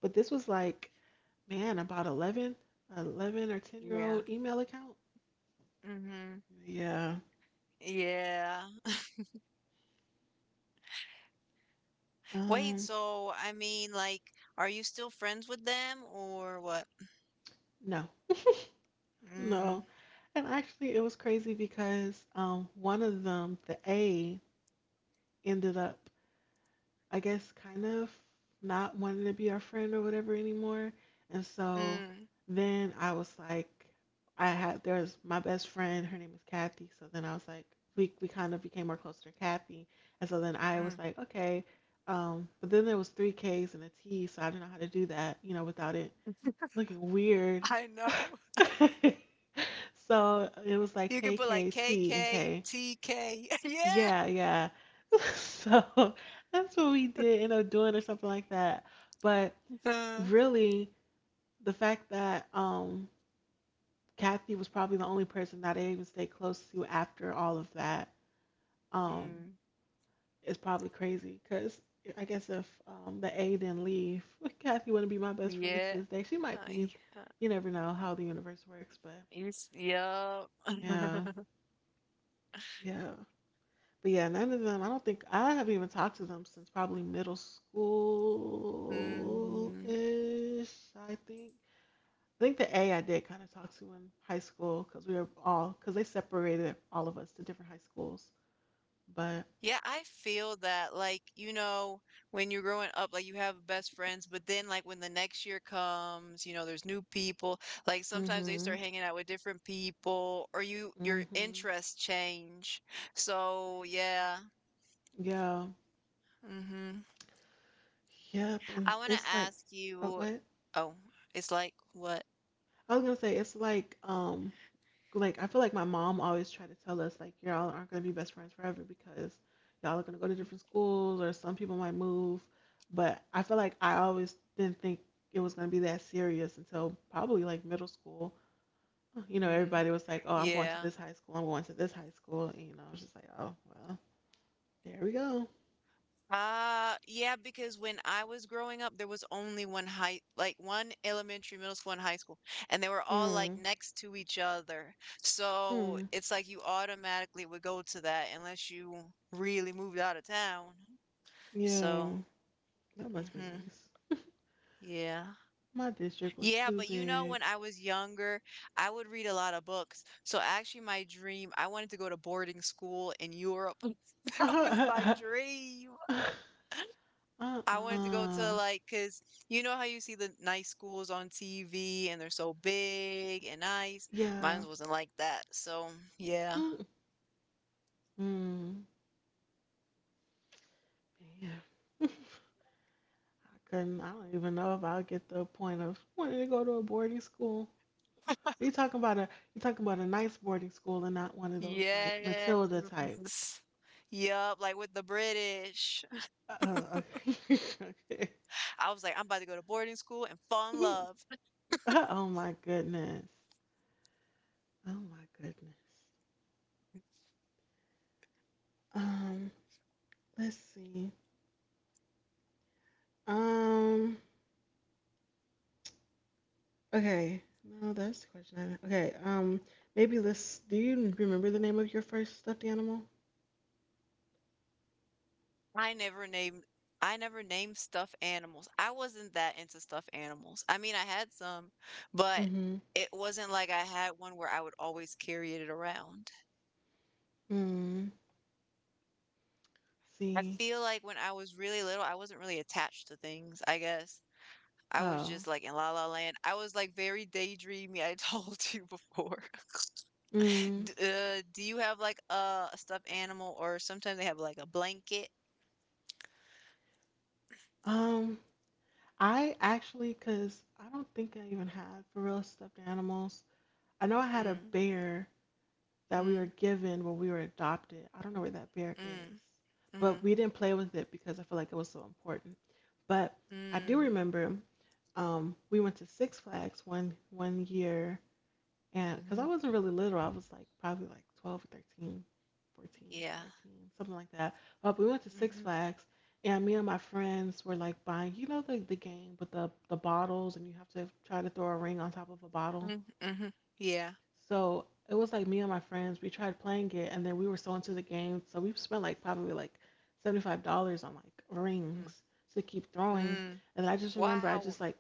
Speaker 1: but this was like, man, about 11, 11 or 10 year
Speaker 2: Yeah.
Speaker 1: old email account.
Speaker 2: Mhm.
Speaker 1: Yeah.
Speaker 2: Yeah. Wait,
Speaker 1: Um,
Speaker 2: so are you still friends with them or what?
Speaker 1: no,
Speaker 2: Mm.
Speaker 1: no. And actually, it was crazy because one of them, the A, ended up I guess, kind of not wanting to be our friend or whatever anymore. And so
Speaker 2: Mm.
Speaker 1: then I was like, there's my best friend, her name is Kathy. So then I was like, we kind of became more closer to Kathy. And so then I was
Speaker 2: Mm.
Speaker 1: like, okay. But then there was three Ks and a T, so I didn't know how to do that, you know, without it looking weird.
Speaker 2: I know. *laughs*
Speaker 1: *laughs* So it was like
Speaker 2: You could put like K
Speaker 1: KKT and
Speaker 2: K
Speaker 1: K.
Speaker 2: T K. *laughs* Yeah.
Speaker 1: Yeah. *laughs* So that's what we did end up doing or something like that. But
Speaker 2: Uh,
Speaker 1: really, the fact that Kathy was probably the only person that I even stayed close to after all of that um
Speaker 2: mm.
Speaker 1: is probably crazy because I guess if the A didn't leave, *laughs* Kathy wouldn't be my best friend
Speaker 2: Yeah.
Speaker 1: to this day. She might
Speaker 2: I,
Speaker 1: be.
Speaker 2: uh,
Speaker 1: You never know how the universe works, but
Speaker 2: you Yeah.
Speaker 1: yeah,
Speaker 2: *laughs*
Speaker 1: yeah. But yeah, none of them. I don't think I haven't even talked to them since probably middle school
Speaker 2: Mm.
Speaker 1: ish. I think. I think the A I did kind of talk to in high school because we were all because they separated all of us to different high schools. But
Speaker 2: Yeah, I feel that, like, when you're growing up, like, you have best friends, but then, like, when the next year comes, there's new people. Like, sometimes they
Speaker 1: mhm,
Speaker 2: start hanging out with different people, or your
Speaker 1: mhm,
Speaker 2: interests change. So, yeah.
Speaker 1: yeah,
Speaker 2: Hmm.
Speaker 1: yep. And
Speaker 2: I want to
Speaker 1: it's like,
Speaker 2: ask you.
Speaker 1: okay,
Speaker 2: Oh, it's like what?
Speaker 1: I was gonna say it's like I feel like my mom always tried to tell us like y'all aren't gonna be best friends forever because y'all are gonna go to different schools or some people might move. But I feel like I always didn't think it was gonna be that serious until probably like middle school. You know,
Speaker 2: Mm,
Speaker 1: everybody was like, "Oh, I'm going to
Speaker 2: yeah.
Speaker 1: this high school. I'm going to this high school." And, you know, I was just like, "Oh, well, there we go."
Speaker 2: Yeah, because when I was growing up, there was only one high, like one elementary, middle school, and high school, and they were all like
Speaker 1: Hmm.
Speaker 2: next to each other. So
Speaker 1: Hmm.
Speaker 2: it's like you automatically would go to that unless you really moved out of town.
Speaker 1: Yeah,
Speaker 2: So,
Speaker 1: that must be
Speaker 2: hmm.
Speaker 1: nice.
Speaker 2: Yeah.
Speaker 1: My district was
Speaker 2: Yeah,
Speaker 1: too
Speaker 2: but
Speaker 1: big.
Speaker 2: when I was younger, I would read a lot of books. So actually my dream, I wanted to go to boarding school in Europe. *laughs*
Speaker 1: *laughs*
Speaker 2: That was my
Speaker 1: Uh.
Speaker 2: dream. I wanted to go to
Speaker 1: Uh.
Speaker 2: like, cause you know how you see the nice schools on TV and they're so big and nice.
Speaker 1: Yeah.
Speaker 2: Mine wasn't like that. So yeah.
Speaker 1: Mm, man. *laughs* I couldn't. I don't even know if I'll get the point of wanting to go to a boarding school. Are you talking about a nice boarding school and not one of those like Matilda type?
Speaker 2: Yes. Yup, like with the British.
Speaker 1: Uh, okay. *laughs* Okay.
Speaker 2: I was like, I'm about to go to boarding school and fall in love.
Speaker 1: *laughs* Oh my goodness. Oh my goodness. Um, let's see. Um, okay. No, that's the question. Okay. Maybe let's. Do you remember the name of your first stuffed animal?
Speaker 2: I never named I never named stuffed animals. I wasn't that into stuffed animals. I mean, I had some, but
Speaker 1: Mm-hmm.
Speaker 2: it wasn't like I had one where I would always carry it around.
Speaker 1: Mm.
Speaker 2: I
Speaker 1: See.
Speaker 2: feel like when I was really little, I wasn't really attached to things, I guess. I was
Speaker 1: Oh.
Speaker 2: just like in La La Land. I was like very daydreamy. I told *laughs* you before. *laughs*
Speaker 1: Mm,
Speaker 2: Do you have like a stuffed animal, or sometimes they have like a blanket?
Speaker 1: um, I actually, because I don't think I even had for real stuffed animals. I know I had a
Speaker 2: Mm,
Speaker 1: bear that we were
Speaker 2: mm,
Speaker 1: given when we were adopted. I don't know where that bear is,
Speaker 2: mm,
Speaker 1: but
Speaker 2: mm,
Speaker 1: we didn't play with it because I feel like it was so important. But I do
Speaker 2: mm,
Speaker 1: remember, we went to Six Flags one year. And because
Speaker 2: hmm,
Speaker 1: I wasn't really little, I was like probably like 12 or 13, 14,
Speaker 2: yeah.
Speaker 1: 13, something like that. But we went to Six
Speaker 2: Mm-hmm,
Speaker 1: Flags, and me and my friends were like buying, the game with the bottles, and you have to try to throw a ring on top of a bottle.
Speaker 2: mm, mm-hmm, yeah.
Speaker 1: So it was like me and my friends, we tried playing it, and then we were so into the game. So we spent like probably like $75 on like
Speaker 2: Mm,
Speaker 1: rings to keep throwing.
Speaker 2: mm.
Speaker 1: And I just remember,
Speaker 2: Wow.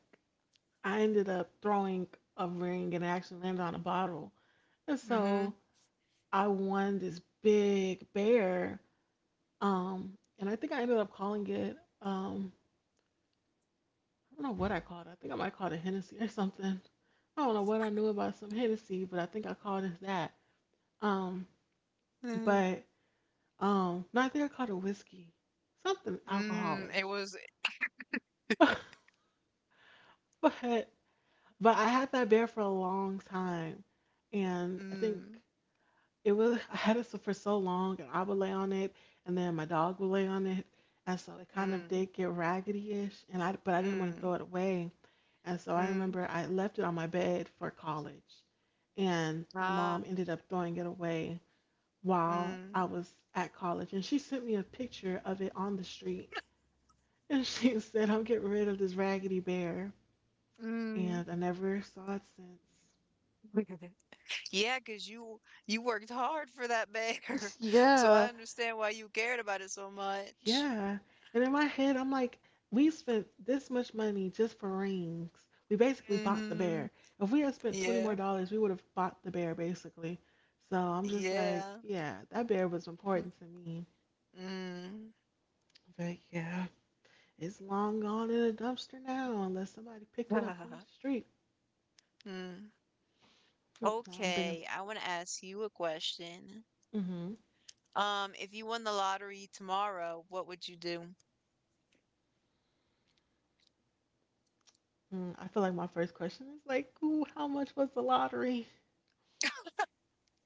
Speaker 1: I ended up throwing a ring and it actually landed on a bottle. And
Speaker 2: Mm-hmm.
Speaker 1: so I won this big bear. And I think I ended up calling it, I don't know what I called it. I think I might call it Hennessy or something. I don't know what I knew about some Hennessy, but I think I called it that. Um,
Speaker 2: Mm,
Speaker 1: but no, I think I called it whiskey, something
Speaker 2: mm.
Speaker 1: alcoholish.
Speaker 2: It was
Speaker 1: *laughs* but but I had that bear for a long time, and I think
Speaker 2: mm,
Speaker 1: It was I had it for so long, and I would lay on it, and then my dog would lay on it, and so it kind of
Speaker 2: mm,
Speaker 1: did get raggedy-ish. But I didn't want to
Speaker 2: mm,
Speaker 1: throw it away, and so I
Speaker 2: mm.
Speaker 1: remember I left it on my bed for college, and my
Speaker 2: Ah,
Speaker 1: mom ended up throwing it away while I
Speaker 2: mm,
Speaker 1: was at college, and she sent me a picture of it on the street, and *laughs* she said, "I'm getting rid of this raggedy bear,"
Speaker 2: mm.
Speaker 1: and I never saw it since.
Speaker 2: *laughs* Yeah, 'cause you worked hard for that bear, *laughs* so I
Speaker 1: Yeah,
Speaker 2: understand why you cared about it so much.
Speaker 1: yeah. And in my head, I'm like, we spent this much money just for rings. We basically bought the
Speaker 2: Hmm.
Speaker 1: bear. If we had spent 20 more
Speaker 2: Yeah,
Speaker 1: dollars, we would have bought the bear, basically. So I'm just
Speaker 2: yeah.
Speaker 1: like, yeah, that bear was important to me.
Speaker 2: Mm.
Speaker 1: But yeah, it's long gone in a dumpster now, unless somebody picked it up from the
Speaker 2: *laughs*
Speaker 1: street.
Speaker 2: Mm.
Speaker 1: Hmm. Now I'm thinking,
Speaker 2: Okay, I want to ask you a question.
Speaker 1: mm-hmm.
Speaker 2: If you won the lottery tomorrow, what would you do?
Speaker 1: I feel like my first question is like, ooh, how much was the lottery?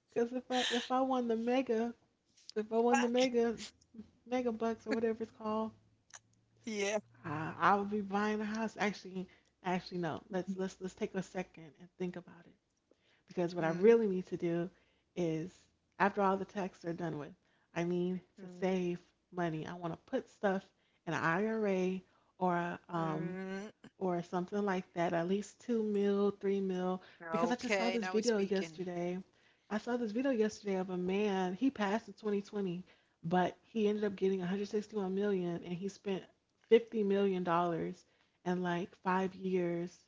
Speaker 1: Because if I won the mega, if I won the
Speaker 2: *laughs*
Speaker 1: mega mega bucks or whatever it's called.
Speaker 2: Yeah.
Speaker 1: I would be buying a house. Actually, actually no. Let's take a second and think about it. Because what I
Speaker 2: Mm,
Speaker 1: really need to do is, after all the taxes are done with, I need to
Speaker 2: mm,
Speaker 1: save money. I want to put stuff in an IRA or a
Speaker 2: mm.
Speaker 1: or something like that, at least two mil, three mil, because I just saw
Speaker 2: Okay,
Speaker 1: this
Speaker 2: now we
Speaker 1: video
Speaker 2: speaking.
Speaker 1: yesterday. I saw this video yesterday of a man, he passed in 2020, but he ended up getting 161 million and he spent $50 million in like 5 years,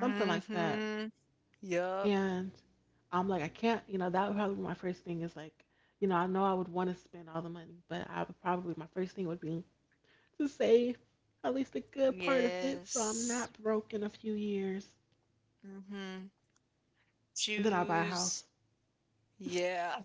Speaker 1: something like that.
Speaker 2: Yup.
Speaker 1: And I'm like, I can't, you know, that would probably be my first thing is like, you know I would want to spend all the money, but I would probably, my first thing would be, to save at least a good part of it so I'm
Speaker 2: Yes.
Speaker 1: not broke in a few years.
Speaker 2: Mm. Mhm.
Speaker 1: And then I'll buy a
Speaker 2: Shoes.
Speaker 1: house.
Speaker 2: Yeah.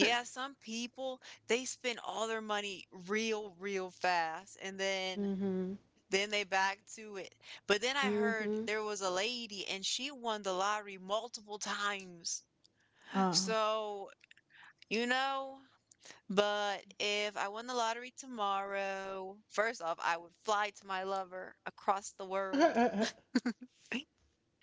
Speaker 1: *laughs*
Speaker 2: some people, they spend all their money real, real fast, and
Speaker 1: Mm-hmm.
Speaker 2: then they back to it. But then I heard
Speaker 1: Mm-hmm.
Speaker 2: there was a lady and she won the lottery multiple times.
Speaker 1: Uh.
Speaker 2: So, you know, but if I won the lottery tomorrow, first off, I would fly to my lover across the world,
Speaker 1: *laughs*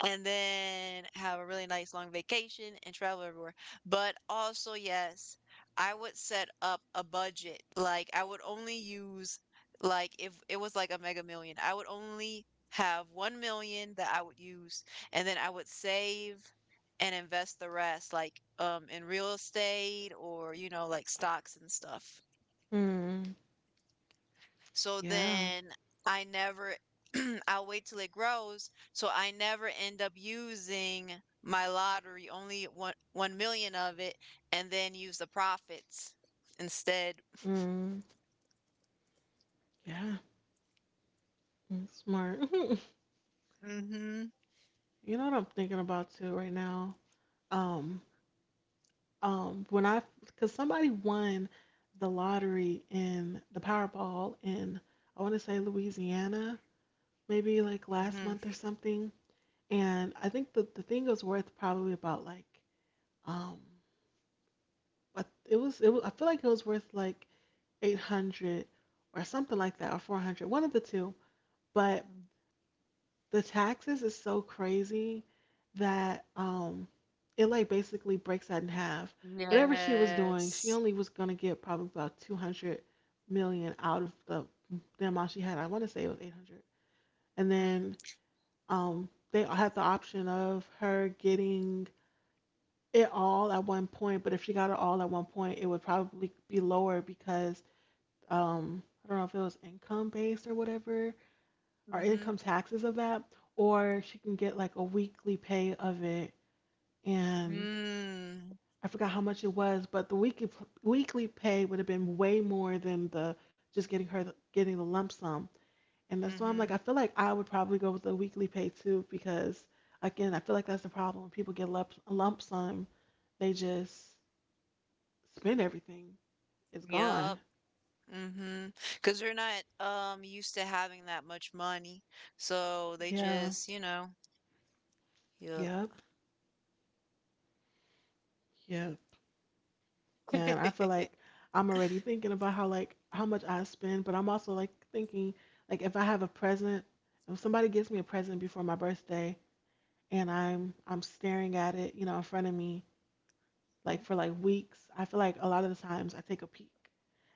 Speaker 2: and then have a really nice long vacation and travel everywhere. But also, yes, I would set up a budget. Like I would only use, like if it was like a mega million, I would only have 1 million that I would use, and then I would save and invest the rest, like in real estate or you know like stocks and stuff.
Speaker 1: mm.
Speaker 2: So
Speaker 1: Yeah.
Speaker 2: then I never *clears throat* I'll wait till it grows, so I never end up using my lottery, only one 1 million of it, and then use the profits instead.
Speaker 1: Mm. Yeah. Smart. *laughs*
Speaker 2: Mhm.
Speaker 1: You know what I'm thinking about too right now? Um, when I, because somebody won the lottery in the Powerball in, I want to say Louisiana, maybe like last
Speaker 2: Mhm.
Speaker 1: month or something. And I think the thing was worth probably about like. Um, but it was I feel like it was worth like 800 or something like that or 400, one of the two. But
Speaker 2: Mm.
Speaker 1: the taxes is so crazy that it like basically breaks that in half. Whatever she was doing, she
Speaker 2: Yes.
Speaker 1: only was gonna get probably about 200 million out of the amount she had. I want to say it was 800. And
Speaker 2: Mm.
Speaker 1: then they had the option of her getting it all at one point, but if she got it all at one point, it would probably be lower because I don't know if it was income based or whatever, or
Speaker 2: Mhm.
Speaker 1: income taxes of that, or she can get like a weekly pay of it, and
Speaker 2: Mm.
Speaker 1: I forgot how much it was, but the weekly weekly pay would have been way more than the just getting her getting the lump sum, and that's why I'm
Speaker 2: Mhm.
Speaker 1: like I feel like I would probably go with the weekly pay too because again I feel like that's the problem. When people get lump sum, they just spend everything. It's
Speaker 2: Yup.
Speaker 1: gone.
Speaker 2: Because 'Cause they're not, used to having that much money, so they
Speaker 1: Yeah.
Speaker 2: just, you know. Yup.
Speaker 1: Yep. Yep. And I feel
Speaker 2: *laughs*
Speaker 1: like I'm already thinking about how like how much I spend, but I'm also like thinking like if I have a present, if somebody gives me a present before my birthday and I'm staring at it, you know, in front of me like for like weeks, I feel like a lot of the times I take a peek.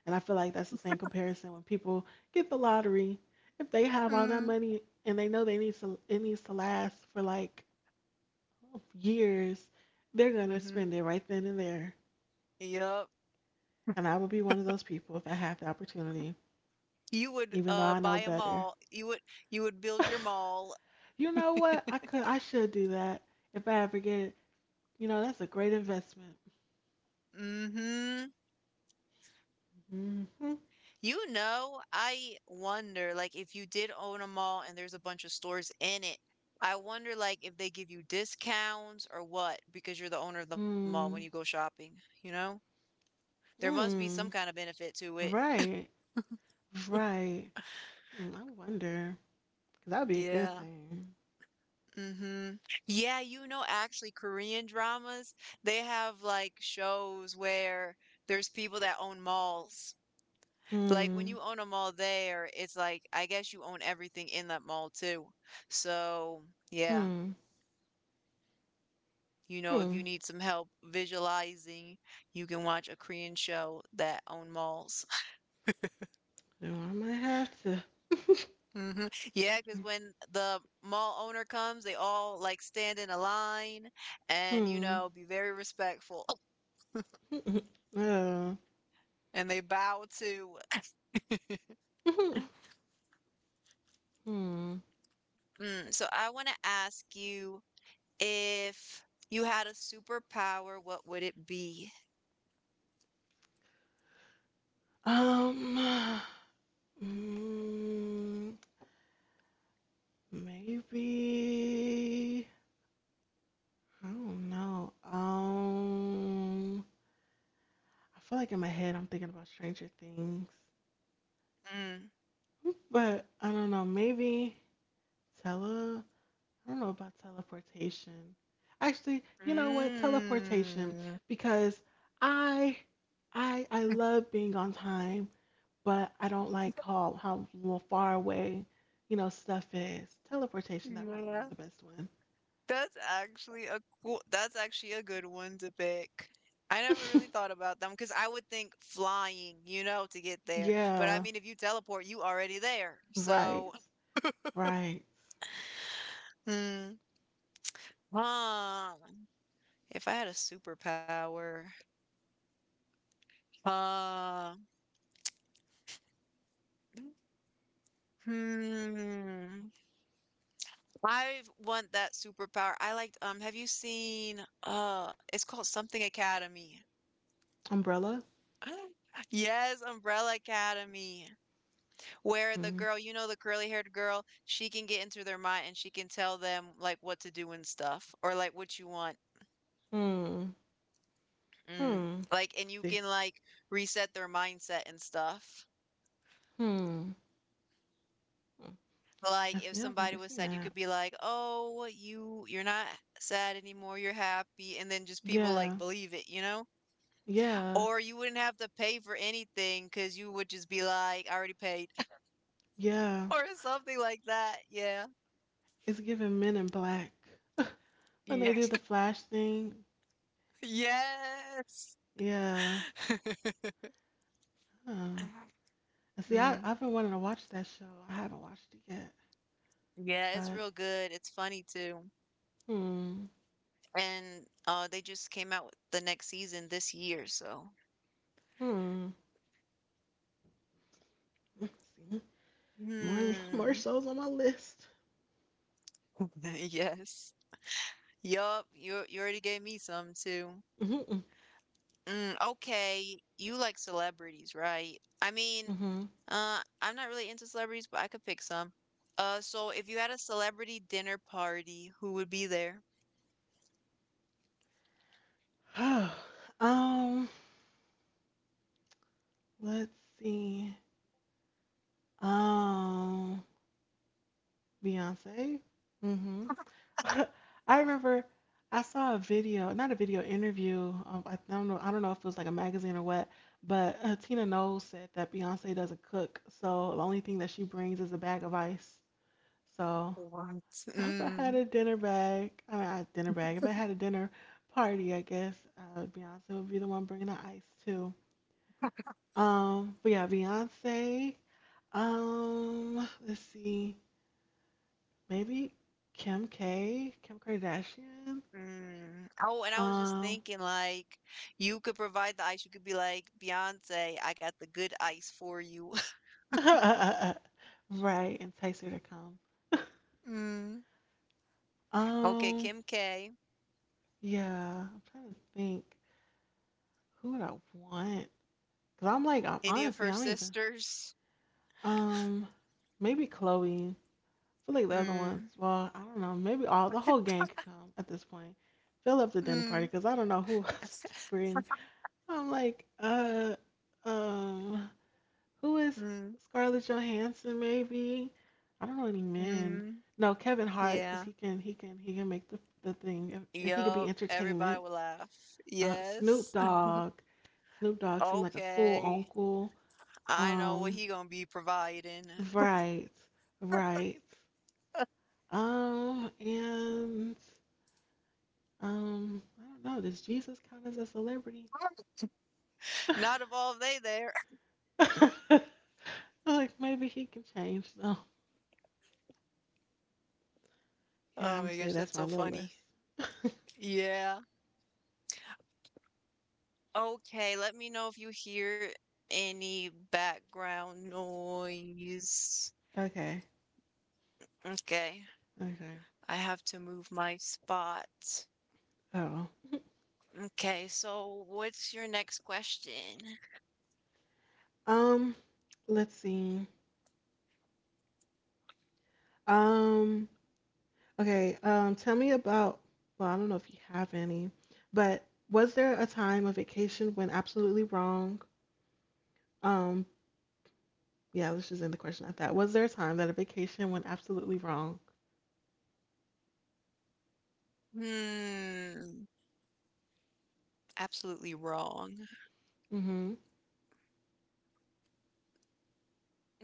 Speaker 1: And I feel like that's the same comparison when people get the lottery, if they have all that
Speaker 2: Mm.
Speaker 1: money and they know they needs to it needs to last for like years, they're going to
Speaker 2: Mhm.
Speaker 1: spend it right then and there.
Speaker 2: Yep.
Speaker 1: And I would be one of those people if I had the opportunity,
Speaker 2: You would
Speaker 1: even though I know
Speaker 2: buy a
Speaker 1: better.
Speaker 2: mall. You would build your
Speaker 1: *laughs*
Speaker 2: mall.
Speaker 1: You know what? I should do that if I ever get it. You know, that's a great investment.
Speaker 2: Mm-hmm.
Speaker 1: Hmm.
Speaker 2: You know, I wonder like if you did own a mall and there's a bunch of stores in it, I wonder like if they give you discounts or what, because you're the owner of the mall when you go
Speaker 1: Mm,
Speaker 2: shopping, you know? There must be some kind of
Speaker 1: mm,
Speaker 2: benefit to it.
Speaker 1: right, right. I wonder, because that would be a
Speaker 2: Yeah.
Speaker 1: good thing.
Speaker 2: Mm-hmm. Yeah, you know, actually Korean dramas, they have like shows where there's people that own malls. Like, when
Speaker 1: Hmm,
Speaker 2: you own a mall there, it's like, I guess you own everything in that mall too. So, yeah,
Speaker 1: hmm,
Speaker 2: you know, if you
Speaker 1: hmm.
Speaker 2: need some help visualizing, you can watch a Korean show that own malls.
Speaker 1: So I might have to.
Speaker 2: *laughs* Hmm. Yeah, because when the mall owner comes, they all like stand in a line and, you
Speaker 1: Hmm.
Speaker 2: know, be very respectful *laughs*
Speaker 1: *laughs*
Speaker 2: and they bow to. *clears throat*
Speaker 1: Uh, *laughs* hmm.
Speaker 2: Mm, so I want to ask you, if you had a superpower, what would it be?
Speaker 1: Um, *sighs* mm, maybe I don't know. I feel like in my head I'm thinking about Stranger Things,
Speaker 2: Mm.
Speaker 1: but I don't know. Maybe tele. I don't know about teleportation. Actually, you know what? Teleportation
Speaker 2: Mm.
Speaker 1: because I, I love being on time but I don't like how far away, stuff is. Teleportation that probably be
Speaker 2: Yeah.
Speaker 1: the best
Speaker 2: That's actually a cool, that's actually a good one to pick. I never
Speaker 1: one.
Speaker 2: really thought about them, because I would think flying, you know, to get
Speaker 1: *laughs*
Speaker 2: there. But I
Speaker 1: Yeah,
Speaker 2: mean, if you teleport, you already there.
Speaker 1: right,
Speaker 2: So,
Speaker 1: right.
Speaker 2: hmm. Huh. If I had a superpower, uh, hmm, I want that superpower. Have you seen, it's called Something Academy.
Speaker 1: Umbrella.
Speaker 2: *laughs* Yes, Umbrella Academy, where the
Speaker 1: Hmm.
Speaker 2: girl, you know, the curly-haired girl, she can get into their mind and she can tell them like what to do and stuff or like what you want.
Speaker 1: Hmm.
Speaker 2: Mm.
Speaker 1: Hmm.
Speaker 2: Like, and you
Speaker 1: See.
Speaker 2: can like reset their mindset and stuff.
Speaker 1: Hmm. Hmm. I
Speaker 2: Like, if
Speaker 1: see. I've
Speaker 2: somebody
Speaker 1: never
Speaker 2: was
Speaker 1: seen
Speaker 2: sad, you
Speaker 1: that.
Speaker 2: could be like, "Oh, you're not sad anymore. You're happy." And then just people like
Speaker 1: Yeah.
Speaker 2: believe it, you know?
Speaker 1: Yeah.
Speaker 2: Or you wouldn't have to pay for anything because you would just be like, "I already paid." *laughs*
Speaker 1: Yeah.
Speaker 2: Or something like that. Yeah.
Speaker 1: It's giving Men in Black when
Speaker 2: Yeah.
Speaker 1: they do the Flash thing.
Speaker 2: Yes.
Speaker 1: Yeah.
Speaker 2: *laughs*
Speaker 1: Huh. And see, I
Speaker 2: Mm,
Speaker 1: I've been wanting to watch that show. I haven't watched it yet,
Speaker 2: yeah, it's
Speaker 1: but
Speaker 2: real good. It's funny too.
Speaker 1: hmm.
Speaker 2: And they just came out with the next season this year, so.
Speaker 1: Hmm. Mm, See, more
Speaker 2: Hmm.
Speaker 1: shows on my list.
Speaker 2: *laughs* Yes. Yup, you already gave me some too.
Speaker 1: Mm-hmm.
Speaker 2: Mm, okay, you like celebrities, right? I mean,
Speaker 1: Mm-hmm.
Speaker 2: I'm not really into celebrities, but I could pick some. So if you had a celebrity dinner party, who would be there?
Speaker 1: *sighs* Oh, let's see. Um, Beyonce. Mm-hmm. *laughs* I remember I saw a video, not a video interview. I don't know. I don't know if it was like a magazine or what, but Tina Knowles said that Beyonce doesn't cook, so the only thing that she brings is a bag of ice. So
Speaker 2: What?
Speaker 1: if I had
Speaker 2: Mm.
Speaker 1: a dinner bag, I mean, a dinner bag. If I had a dinner party, I guess Beyonce would be the one bringing the ice too. But yeah, Beyonce. Let's see, maybe Kim K, Kim Kardashian.
Speaker 2: Mm. Oh, and I was just
Speaker 1: Um,
Speaker 2: thinking, like, you could provide the ice. You could be like, Beyonce, I got the good ice for you. *laughs*
Speaker 1: *laughs* right, entice her to come.
Speaker 2: Mm, okay,
Speaker 1: Um,
Speaker 2: Kim K,
Speaker 1: yeah, I'm trying to think, who would I want? Cause I'm like, I'm,
Speaker 2: any of
Speaker 1: honestly,
Speaker 2: her
Speaker 1: I don't even.
Speaker 2: sisters?
Speaker 1: Um, Maybe Chloe. Feel like the other ones,
Speaker 2: Mm.
Speaker 1: well, I don't know. Maybe all the whole gang
Speaker 2: *laughs*
Speaker 1: could come at this point. Fill up the dinner party
Speaker 2: Mm,
Speaker 1: because I don't know who *laughs* else to
Speaker 2: *laughs*
Speaker 1: bring. I'm like, um, who is
Speaker 2: mm.
Speaker 1: Scarlett Johansson? Maybe I don't know any men.
Speaker 2: Mm.
Speaker 1: No, Kevin Hart because
Speaker 2: Yeah.
Speaker 1: he can make the thing and he could be
Speaker 2: Yup. Everybody
Speaker 1: entertainment.
Speaker 2: would laugh.
Speaker 1: Snoop
Speaker 2: Yes. *laughs*
Speaker 1: Dogg. Snoop Dogg seemed like a cool
Speaker 2: Okay.
Speaker 1: uncle.
Speaker 2: I know what
Speaker 1: Um,
Speaker 2: he gonna be providing.
Speaker 1: right, right. And I don't know. Does Jesus count as a celebrity?
Speaker 2: *laughs* Not
Speaker 1: *laughs*
Speaker 2: of all they there. *laughs*
Speaker 1: I feel like maybe he can change though. Yeah,
Speaker 2: Oh
Speaker 1: I'm
Speaker 2: my
Speaker 1: saying
Speaker 2: gosh,
Speaker 1: that's
Speaker 2: that's
Speaker 1: my
Speaker 2: so
Speaker 1: little
Speaker 2: funny.
Speaker 1: list.
Speaker 2: Yeah. Okay, let me know if you hear any background noise.
Speaker 1: Okay.
Speaker 2: Okay,
Speaker 1: Okay.
Speaker 2: I have to move my spot.
Speaker 1: Oh.
Speaker 2: Okay, so what's your next question?
Speaker 1: Um, let's see. Um, okay. Tell me about, well, I don't know if you have any, but was there a time a vacation went absolutely wrong? Um, yeah, let's just end the question at that. Was there a time that a vacation went absolutely wrong?
Speaker 2: Hmm, absolutely wrong.
Speaker 1: Mm-hmm.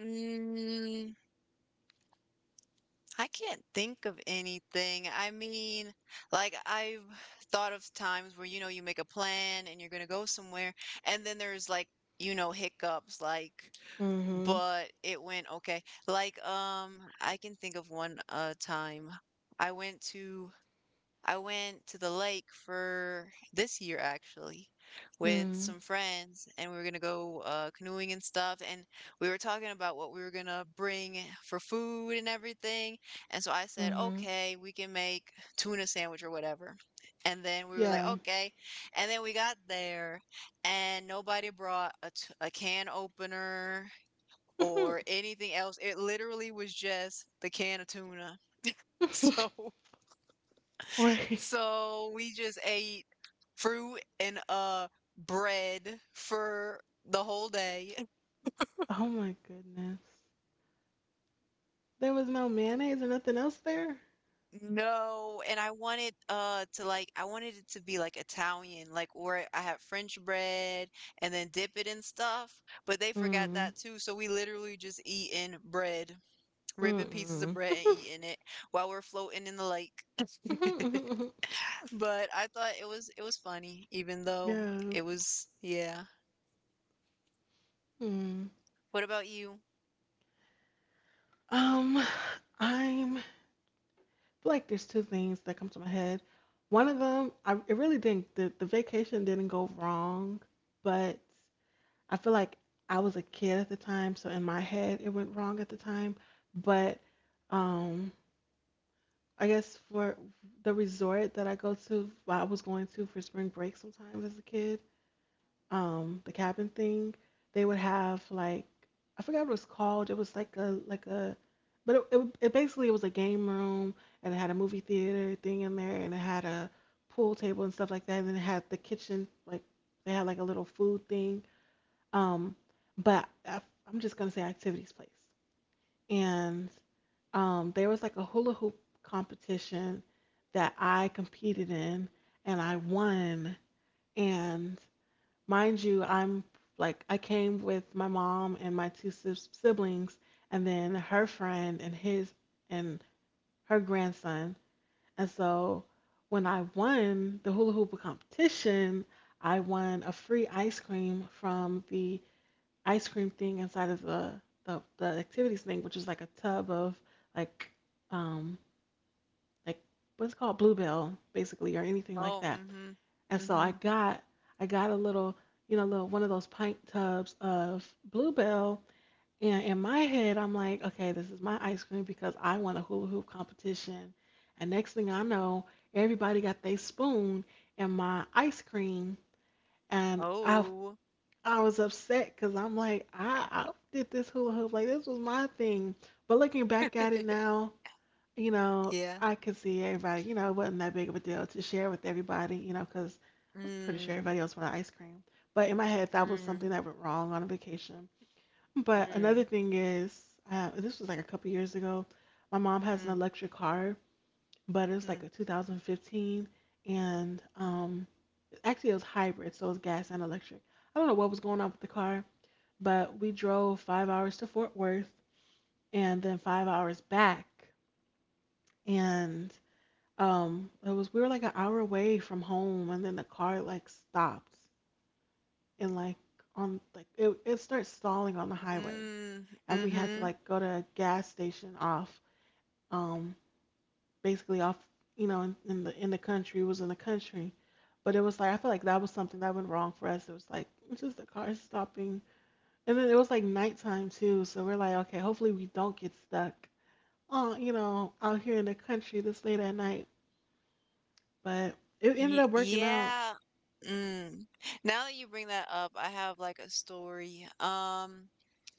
Speaker 2: Mm, I can't think of anything. I mean, like I've thought of times where you know you make a plan and you're gonna go somewhere, and then there's like you know hiccups like.
Speaker 1: Mm-hmm.
Speaker 2: But it went okay. Like, I can think of one time. I went to I went to the lake for this year actually with
Speaker 1: Mm-hmm.
Speaker 2: some friends and we were gonna go canoeing and stuff, and we were talking about what we were gonna bring for food and everything. And so I said,
Speaker 1: Mm-hmm.
Speaker 2: "Okay, we can make tuna sandwich or whatever." And then we were like,
Speaker 1: Yeah.
Speaker 2: "Okay." And then we got there and nobody brought a can opener or
Speaker 1: *laughs*
Speaker 2: anything else. It literally was just the can of tuna. *laughs* So
Speaker 1: Wait.
Speaker 2: so we just ate fruit and bread for the whole day. *laughs*
Speaker 1: Oh my goodness. There was no mayonnaise or nothing else there?
Speaker 2: No, and I wanted it to be like Italian, like where I had French bread and then dip it in stuff, but they forgot
Speaker 1: Mm.
Speaker 2: that too. So we literally just eating bread, ripping pieces of
Speaker 1: Mm-mm.
Speaker 2: bread and eating it while we're floating in the lake. *laughs*
Speaker 1: *laughs*
Speaker 2: But I thought it was funny, even though
Speaker 1: yeah.
Speaker 2: it was, yeah.
Speaker 1: Mm.
Speaker 2: What about you?
Speaker 1: I'm I feel like there's two things that come to my head. One of them, I it really didn't, the vacation didn't go wrong, but I feel like I was a kid at the time, so in my head it went wrong at the time. But um I guess for the resort that I go to, well, I was going to for spring break sometimes as a kid, the cabin thing, they would have like. I forgot what it was called. It was like a, but it basically it was a game room and it had a movie theater thing in there and it had a pool table and stuff like that, and then it had the kitchen, like they had like a little food thing. Um, but I, I'm just gonna say activities place, and there was like a hula hoop competition that I competed in and I won. And mind you, I'm like, I came with my mom and my siblings, and then her friend and his and her grandson. And so when I won the hula hoop competition, I won a free ice cream from the ice cream thing inside of the activities thing, which was like a tub of like, um, like what's called Bluebell, basically, or anything like
Speaker 2: Oh,
Speaker 1: that.
Speaker 2: mm, mhm.
Speaker 1: And so
Speaker 2: Mm.
Speaker 1: I got a little, you know, little one of those pint tubs of Bluebell. And in my head, I'm like, okay, this is my ice cream because I won a hula hoop competition. And next thing I know, everybody got their spoon in my ice cream,
Speaker 2: Mhm.
Speaker 1: and I
Speaker 2: Oh.
Speaker 1: I was upset because I'm like, I did this hula hoop, like this was my thing. But looking back at it
Speaker 2: *laughs*
Speaker 1: now, you know,
Speaker 2: Yeah.
Speaker 1: I could see everybody, you know, it wasn't that big of a deal to share with everybody, you know, because I'm pretty sure
Speaker 2: Mm,
Speaker 1: everybody else wanted ice cream. But in my head, that was
Speaker 2: mm,
Speaker 1: something that went wrong on a vacation. But
Speaker 2: mm,
Speaker 1: another thing is, this was like a couple years ago. My mom has an
Speaker 2: mm,
Speaker 1: electric car, but it was
Speaker 2: mm,
Speaker 1: like a 2015, and actually it was hybrid, so it was gas and electric. I don't know what was going on with the car, but we drove 5 hours to Fort Worth and then 5 hours back, and it was we were like an hour away from home, and then the car like stopped and like it starts stalling on the highway,
Speaker 2: mm,
Speaker 1: and
Speaker 2: mm,
Speaker 1: we had to
Speaker 2: mhm.
Speaker 1: like go to a gas station off um basically off, you know, in the country. It was in the country, but it was like I feel like that was something that went wrong for us. It was like *laughs* this is the car stopping, and then it was like nighttime too, so we're like okay, hopefully we don't get stuck. Oh, you know, out here in the country this late at night, but it ended
Speaker 2: Ye,
Speaker 1: up working out.
Speaker 2: yeah. Mm. Now that you bring that up, I have like a story.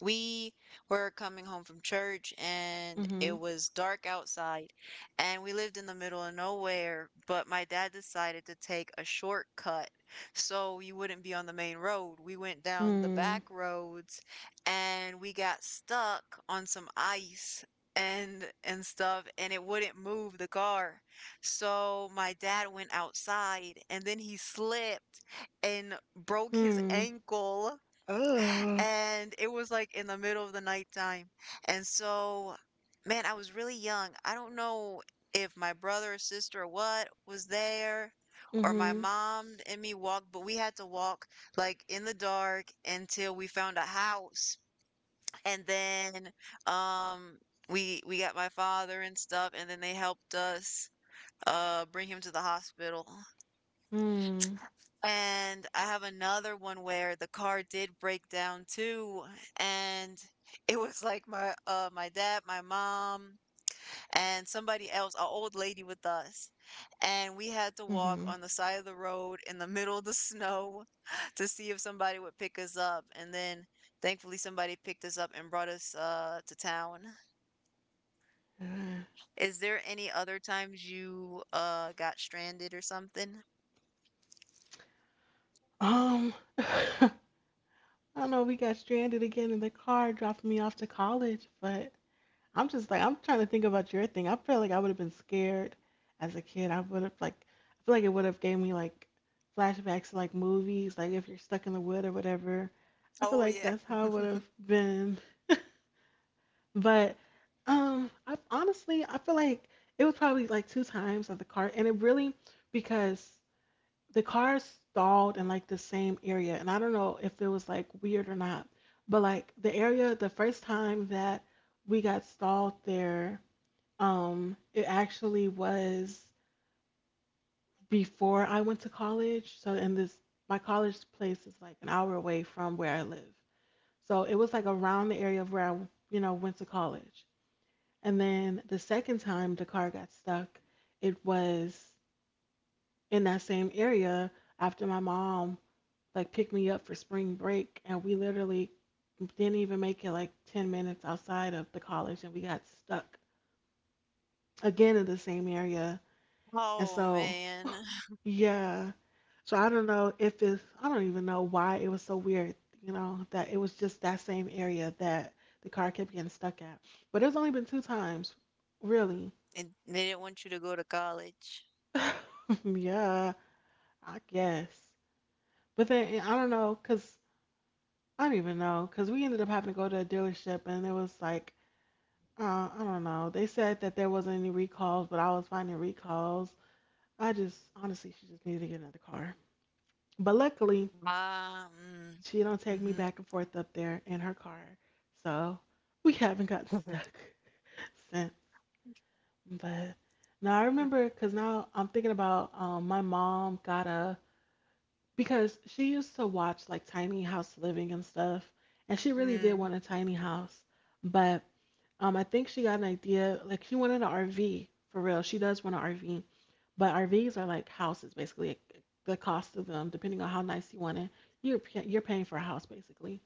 Speaker 2: We were coming home from church and
Speaker 1: Mm-hmm.
Speaker 2: it was dark outside, and we lived in the middle of nowhere, but my dad decided to take a shortcut so we wouldn't be on the main road. We went down the
Speaker 1: Hmm.
Speaker 2: back roads and we got stuck on some ice and stuff, and it wouldn't move the car. So my dad went outside and then he slipped and broke his
Speaker 1: Hmm.
Speaker 2: ankle.
Speaker 1: Uh,
Speaker 2: And it was like in the middle of the nighttime. And so, man, I was really young. I don't know if my brother or sister or what was there, or my
Speaker 1: mm-hmm.
Speaker 2: mom and me walked, but we had to walk like in the dark until we found a house. And then, um, we got my father and stuff and then they helped us bring him to the hospital.
Speaker 1: Hmm.
Speaker 2: And I have another one where the car did break down too, and it was like my my dad, my mom and somebody else, an old lady with us, and we had to walk
Speaker 1: Mm-hmm.
Speaker 2: on the side of the road in the middle of the snow *laughs* to see if somebody would pick us up, and then thankfully somebody picked us up and brought us to town.
Speaker 1: Uh,
Speaker 2: Is there any other times you got stranded or something?
Speaker 1: *laughs* I know. We got stranded again in the car, dropped me off to college, but I'm just like, I'm trying to think about your thing. I feel like I would have been scared as a kid. I would have, like, I feel like it would have gave me, like, flashbacks to, like, movies, like, if you're stuck in the wood or whatever. I feel
Speaker 2: Oh
Speaker 1: like that's how I
Speaker 2: yeah.
Speaker 1: would have
Speaker 2: *laughs*
Speaker 1: been. But I honestly I feel like it was probably like two times of the car, and it really because the car stalled in like the same area, and I don't know if it was like weird or not, but like the area the first time that we got stalled there, it actually was before I went to college. So in this my college place is like an hour away from where I live, so it was like around the area of where I, you know, went to college. And then the second time the car got stuck, it was in that same area after my mom like picked me up for spring break, and we literally didn't even make it like 10 minutes outside of the college, and we got stuck again in the same area. And
Speaker 2: Oh
Speaker 1: so,
Speaker 2: man,
Speaker 1: yeah. So I don't know if it's, I don't even know why it was so weird, you know, that it was just that same area that the car kept getting stuck at. But it's only been two times, really.
Speaker 2: and they didn't want you to go to college.
Speaker 1: *laughs* Yeah. I guess. But then I don't know, cause I don't even know, cause we ended up having to go to a dealership, and it was like, uh, I don't know. They said that there wasn't any recalls, but I was finding recalls. I just honestly, she just needed to get another car. But luckily,
Speaker 2: Ah, mm,
Speaker 1: she don't take me
Speaker 2: mhm,
Speaker 1: back and forth up there in her car, so we haven't gotten stuck *laughs* since. But now I remember, cause now I'm thinking about, my mom got a, because she used to watch like tiny house living and stuff, and she
Speaker 2: *laughs*
Speaker 1: really did
Speaker 2: mm,
Speaker 1: want a tiny house. But I think she got an idea like she wanted an RV for real. She does want an RV, but RVs are like houses basically. Like, the cost of them, depending on how nice you want it, you're paying for a house basically.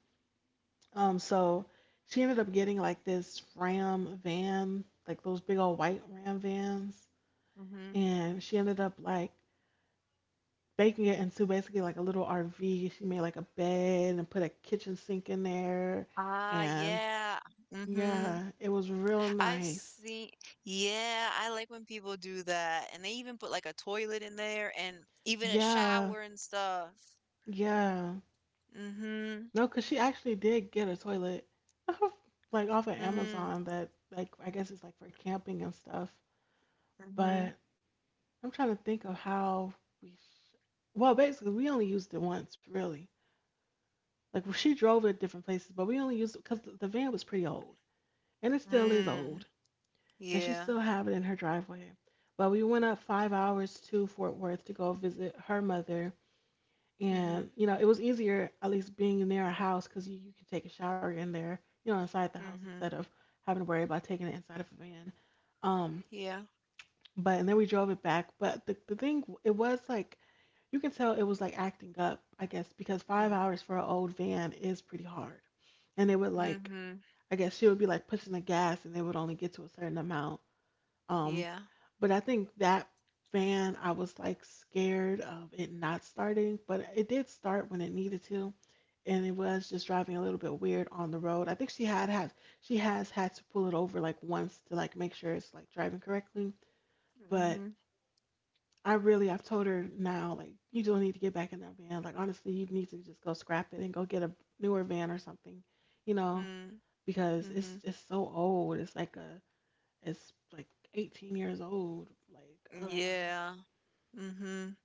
Speaker 1: So she ended up getting like this Ram van, like those big old white Ram vans,
Speaker 2: mhm.
Speaker 1: and she ended up like baking it into basically like a little RV. She made like a bed and put a kitchen sink in there.
Speaker 2: Ah,
Speaker 1: And
Speaker 2: yeah, mhm.
Speaker 1: yeah, it was real
Speaker 2: I've
Speaker 1: nice.
Speaker 2: seen. Yeah, I like when people do that, and they even put like a toilet in there, and even a
Speaker 1: Yeah,
Speaker 2: shower and stuff.
Speaker 1: yeah.
Speaker 2: Mhm,
Speaker 1: No, because she actually did get a toilet *laughs* like off of
Speaker 2: mhm,
Speaker 1: Amazon that, like, I guess it's like for camping and stuff.
Speaker 2: mhm,
Speaker 1: But I'm trying to think of how we, sh- well, basically, we only used it once, really. Like, she drove it to different places, but we only used it because the van was pretty old and it still is
Speaker 2: mm.
Speaker 1: old. And she
Speaker 2: Yeah,
Speaker 1: still have it in her driveway. But we went up 5 hours to Fort Worth to go visit her mother,
Speaker 2: mhm,
Speaker 1: and you know it was easier at least being near a house because you can take a shower in there, you know, inside the house instead
Speaker 2: mhm.
Speaker 1: of having to worry about taking it inside of a van. Um,
Speaker 2: Yeah,
Speaker 1: but and then we drove it back. But the thing it was like you can tell it was like acting up, I guess, because five
Speaker 2: mm,
Speaker 1: hours for an old van is pretty hard, and it would like,
Speaker 2: mhm.
Speaker 1: I guess she would be like pushing the gas, and they would only get to a certain amount. Um,
Speaker 2: Yeah,
Speaker 1: but I think that fan, I was like scared of it not starting, but it did start when it needed to, and it was just driving a little bit weird on the road. I think she had had she has had to pull it over like once to like make sure it's like driving correctly. But
Speaker 2: mhm,
Speaker 1: I really I've told her now like you don't need to get back in that van. Like honestly, you need to just go scrap it and go get a newer van or something, you know,
Speaker 2: mm,
Speaker 1: because
Speaker 2: mhm.
Speaker 1: it's so old. It's like a, it's like 18 years old. Like I don't know.
Speaker 2: Yeah. Mhm.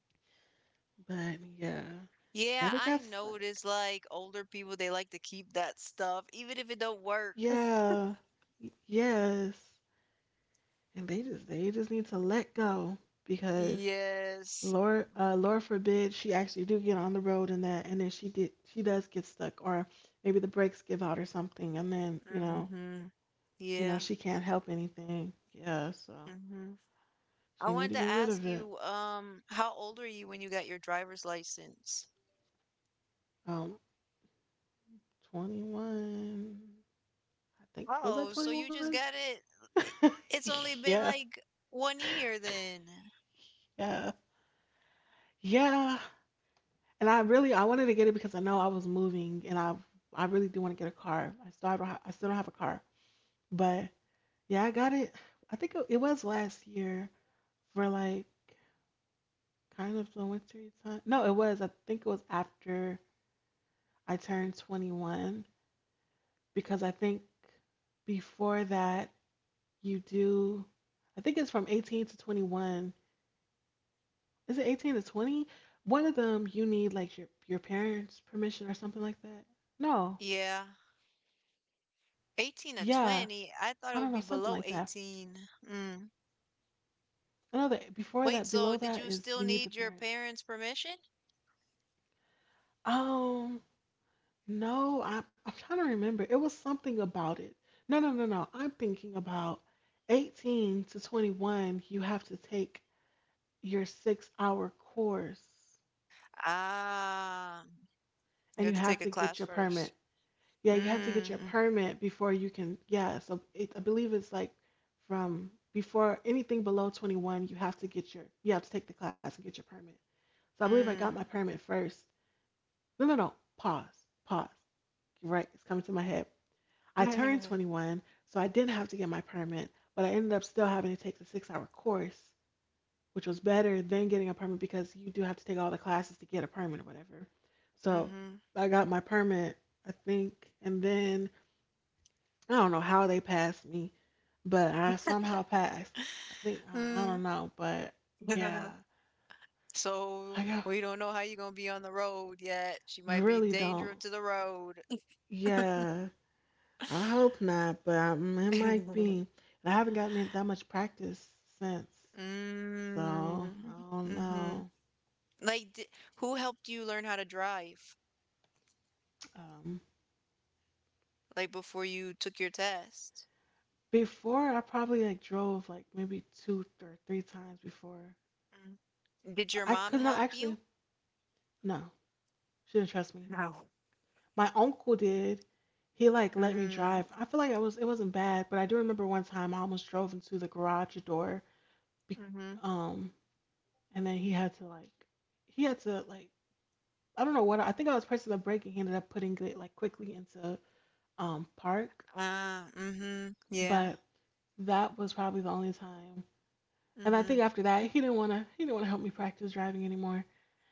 Speaker 1: But yeah,
Speaker 2: Yeah,
Speaker 1: never
Speaker 2: I
Speaker 1: got stuck.
Speaker 2: notice like older people they like to keep that stuff even if it don't work. *laughs*
Speaker 1: Yeah, yes. And they just need to let go because
Speaker 2: Yes.
Speaker 1: Lord, Lord forbid she actually do get on the road and that, and then she does get stuck, or maybe the brakes give out or something, and then
Speaker 2: Mhm.
Speaker 1: you know
Speaker 2: Yeah.
Speaker 1: she can't help anything. Yeah, so
Speaker 2: Mhm. I
Speaker 1: she need
Speaker 2: wanted
Speaker 1: to
Speaker 2: to
Speaker 1: get rid
Speaker 2: ask
Speaker 1: of it.
Speaker 2: you, how old were you when you got your driver's license?
Speaker 1: Um, 21. I think was
Speaker 2: Oh,
Speaker 1: that
Speaker 2: so you just
Speaker 1: 21?
Speaker 2: got it. i-
Speaker 1: *laughs*
Speaker 2: It's only been
Speaker 1: Yeah,
Speaker 2: like 1 year then.
Speaker 1: yeah, yeah. And I really I wanted to get it because I know I was moving and I really do want to get a car. I still don't have a car, but yeah, I got it. I think it was last year for like kind of the winter time. No, it was. I think it was after I turned 21 because I think before that you do. I think it's from 18 to 21. Is it 18 to 20? One of them you need like your parents' permission or something like that. No.
Speaker 2: Yeah.
Speaker 1: Yeah.
Speaker 2: 18 to
Speaker 1: I don't know, something
Speaker 2: 20.
Speaker 1: like
Speaker 2: I
Speaker 1: that.
Speaker 2: thought it would be below 18. Mm.
Speaker 1: I know that before that,
Speaker 2: Wait,
Speaker 1: below
Speaker 2: so
Speaker 1: that
Speaker 2: did
Speaker 1: is
Speaker 2: you
Speaker 1: you
Speaker 2: still
Speaker 1: need the
Speaker 2: need your
Speaker 1: parents.
Speaker 2: parents' permission?
Speaker 1: Um, no, I'm trying to remember. It was something about it. No, no, no, no. I'm thinking about 18 to 21. You have to take your 6 hour course
Speaker 2: Ah, you
Speaker 1: and
Speaker 2: have
Speaker 1: you
Speaker 2: to
Speaker 1: have
Speaker 2: take a
Speaker 1: to get
Speaker 2: class
Speaker 1: your
Speaker 2: first.
Speaker 1: permit. Yeah, you have to get your
Speaker 2: Mm,
Speaker 1: permit before you can. Yeah, so it, I believe it's like from before anything below 21, you have to get your, you have to take the class and get your permit. So I believe I got my
Speaker 2: mm,
Speaker 1: permit first. No, no, no. Pause, pause. Right, it's coming to my head. I turned
Speaker 2: mm. *laughs*
Speaker 1: 21, so I didn't have to get my permit, but I ended up still having to take the 6 hour course, which was better than getting a permit because you do have to take all the classes to get a permit or whatever. So
Speaker 2: Mhm.
Speaker 1: I got my permit, I think, and then I don't know how they passed me, but I somehow passed. I think, I
Speaker 2: Mm.
Speaker 1: don't know, but yeah,
Speaker 2: *laughs* So
Speaker 1: I got-
Speaker 2: we don't know how you're gonna be on the road yet. She might be
Speaker 1: really don't.
Speaker 2: dangerous to the road.
Speaker 1: Yeah. I hope not, but it might be.
Speaker 2: *laughs*
Speaker 1: And I haven't gotten it that much practice since, so
Speaker 2: Mm,
Speaker 1: I don't
Speaker 2: mm, mhm.
Speaker 1: know.
Speaker 2: Like, d- who helped you learn how to drive?
Speaker 1: Um,
Speaker 2: Like before you took your test?
Speaker 1: before I probably like drove like maybe two or three times before.
Speaker 2: Mm. Did your
Speaker 1: I
Speaker 2: mom
Speaker 1: could not
Speaker 2: help
Speaker 1: actually.
Speaker 2: you?
Speaker 1: No, she didn't trust me.
Speaker 2: No.
Speaker 1: My uncle did. He like let me
Speaker 2: Mm,
Speaker 1: drive. I feel like it was it wasn't bad, but I do remember one time I almost drove into the garage door. Be,
Speaker 2: mhm.
Speaker 1: um, and then he had to like I don't know what, I think I was pressing the brake and he ended up putting it like quickly into park.
Speaker 2: Ah, mm, mhm. Yeah.
Speaker 1: But that was probably the only time. And I think
Speaker 2: Mhm.
Speaker 1: after that he didn't wanna help me practice driving anymore.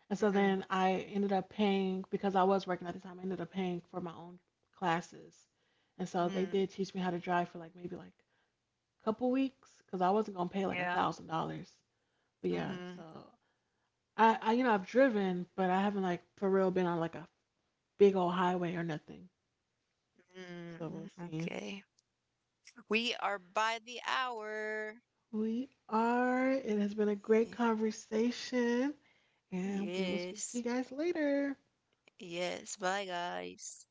Speaker 1: And so
Speaker 2: Mm.
Speaker 1: then I ended up paying because I was working at the time, I ended up paying for my own classes. And so they
Speaker 2: Mm,
Speaker 1: did teach me how to drive for like maybe like a couple weeks because I wasn't gonna pay like a
Speaker 2: yeah.
Speaker 1: thousand dollars. But yeah, so
Speaker 2: Mhm.
Speaker 1: I, you know, I've driven, but I haven't like for real been on like a big old highway or nothing. So
Speaker 2: Mm,
Speaker 1: we'll see.
Speaker 2: okay. We are by the hour.
Speaker 1: We are. It has been a great
Speaker 2: Y-.
Speaker 1: conversation, and we will speak to you
Speaker 2: Yes.
Speaker 1: guys later.
Speaker 2: Yes. Bye, guys.